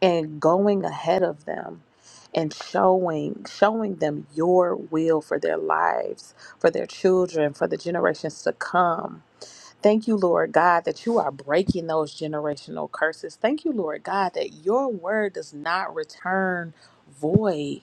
Speaker 1: and going ahead of them and showing showing them your will for their lives for their children for the generations to come Thank you, Lord God, that you are breaking those generational curses. Thank you, Lord God, that your word does not return void.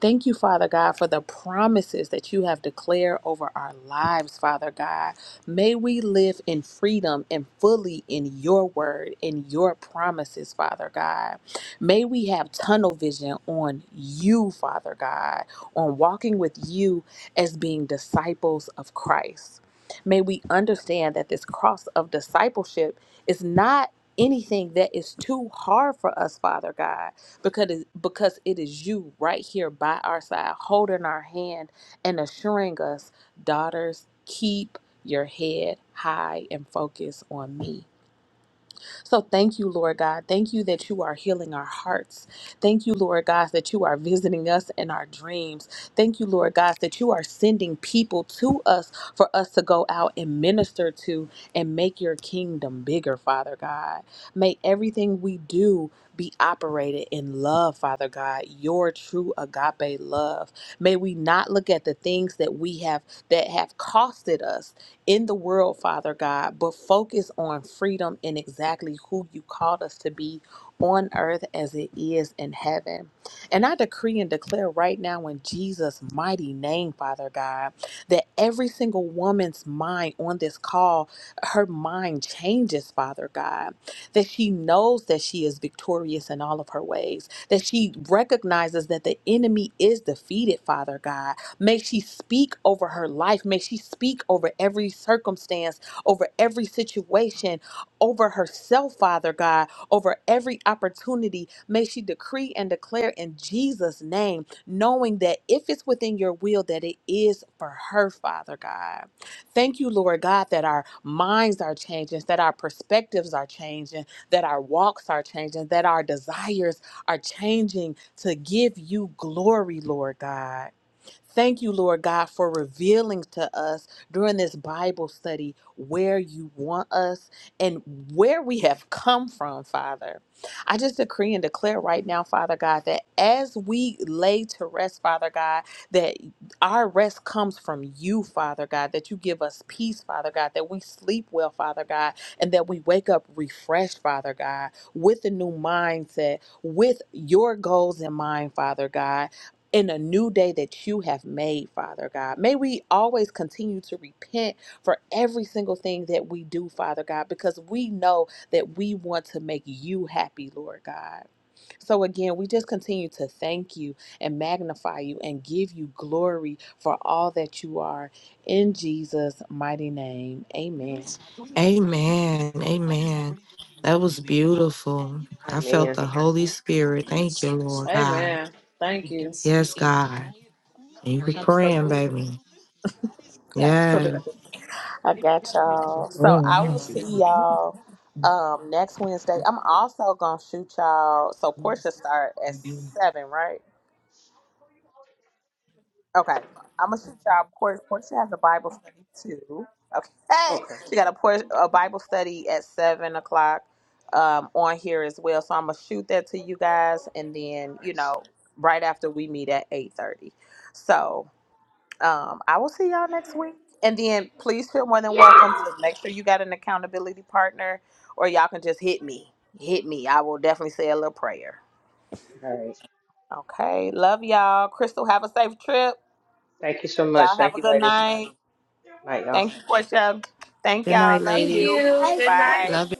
Speaker 1: Thank you, Father God, for the promises that you have declared over our lives, Father God. May we live in freedom and fully in your word and your promises, Father God. May we have tunnel vision on you, Father God, on walking with you as being disciples of Christ. May we understand that this cross of discipleship is not anything that is too hard for us, Father God, because it, because it is you right here by our side, holding our hand and assuring us, daughters, keep your head high and focus on me. So thank you, Lord God. Thank you that you are healing our hearts. Thank you, Lord God, that you are visiting us in our dreams. Thank you, Lord God, that you are sending people to us for us to go out and minister to and make your kingdom bigger, Father God. May everything we do be operated in love, Father God, your true agape love. May we not look at the things that we have that have costed us in the world, Father God, but focus on freedom and exactly who you called us to be on earth as it is in heaven. And I decree and declare right now in Jesus' mighty name, Father God, that every single woman's mind on this call, her mind changes, Father God, that she knows that she is victorious in all of her ways, that she recognizes that the enemy is defeated, Father God, May she speak over her life. May she speak over every circumstance, over every situation, over herself, Father God, over every opportunity. May she decree and declare in Jesus' name, knowing that if it's within your will, that it is for her, Father God. Thank you, Lord God, that our minds are changing, that our perspectives are changing, that our walks are changing, that our desires are changing to give you glory, Lord God. Thank you, Lord God, for revealing to us during this Bible study where you want us and where we have come from, Father. I just decree and declare right now, Father God, that as we lay to rest, Father God, that our rest comes from you, Father God, that you give us peace, Father God, that we sleep well, Father God, and that we wake up refreshed, Father God, with a new mindset, with your goals in mind, Father God in a new day that you have made, Father God. May we always continue to repent for every single thing that we do, Father God, because we know that we want to make you happy, Lord God. So again, we just continue to thank you and magnify you and give you glory for all that you are in Jesus' mighty name. Amen.
Speaker 5: Amen. Amen. That was beautiful. I felt
Speaker 3: Amen.
Speaker 5: the Holy Spirit. Thank you, Lord
Speaker 4: Hey,
Speaker 5: God.
Speaker 4: man, Thank you.
Speaker 5: Yes, God. You be praying,
Speaker 1: Absolutely.
Speaker 5: baby.
Speaker 1: absolutely.
Speaker 5: Yes.
Speaker 1: I got y'all. So I will
Speaker 5: Mhm.
Speaker 1: see y'all um next Wednesday. I'm also gonna shoot y'all. So Portia start at seven, right? Okay. I'm gonna shoot y'all. Portia, Portia has a Bible study too. Okay.
Speaker 3: Okay.
Speaker 1: She got a Por a Bible study at seven o'clock um on here as well. So I'm gonna shoot that to you guys, and then you
Speaker 3: Nice.
Speaker 1: know right after we meet at eight thirty. So. Um, I will see y'all next week. And then please feel more than welcome to make sure you got an accountability partner, or y'all can just hit me. Hit me. I will definitely say a little prayer.
Speaker 3: All right.
Speaker 1: Okay. Love y'all. Crystal, have a safe trip.
Speaker 3: Thank you so much.
Speaker 1: Y'all have
Speaker 3: Thank
Speaker 1: a
Speaker 3: you,
Speaker 1: good
Speaker 3: ladies.
Speaker 1: night.
Speaker 3: Night, y'all.
Speaker 1: Thank you, Portia. Thank
Speaker 5: Good
Speaker 1: y'all.
Speaker 5: night,
Speaker 1: Love
Speaker 2: Thank
Speaker 5: ladies.
Speaker 1: you.
Speaker 2: you. Good
Speaker 1: Bye.
Speaker 5: Love
Speaker 2: night.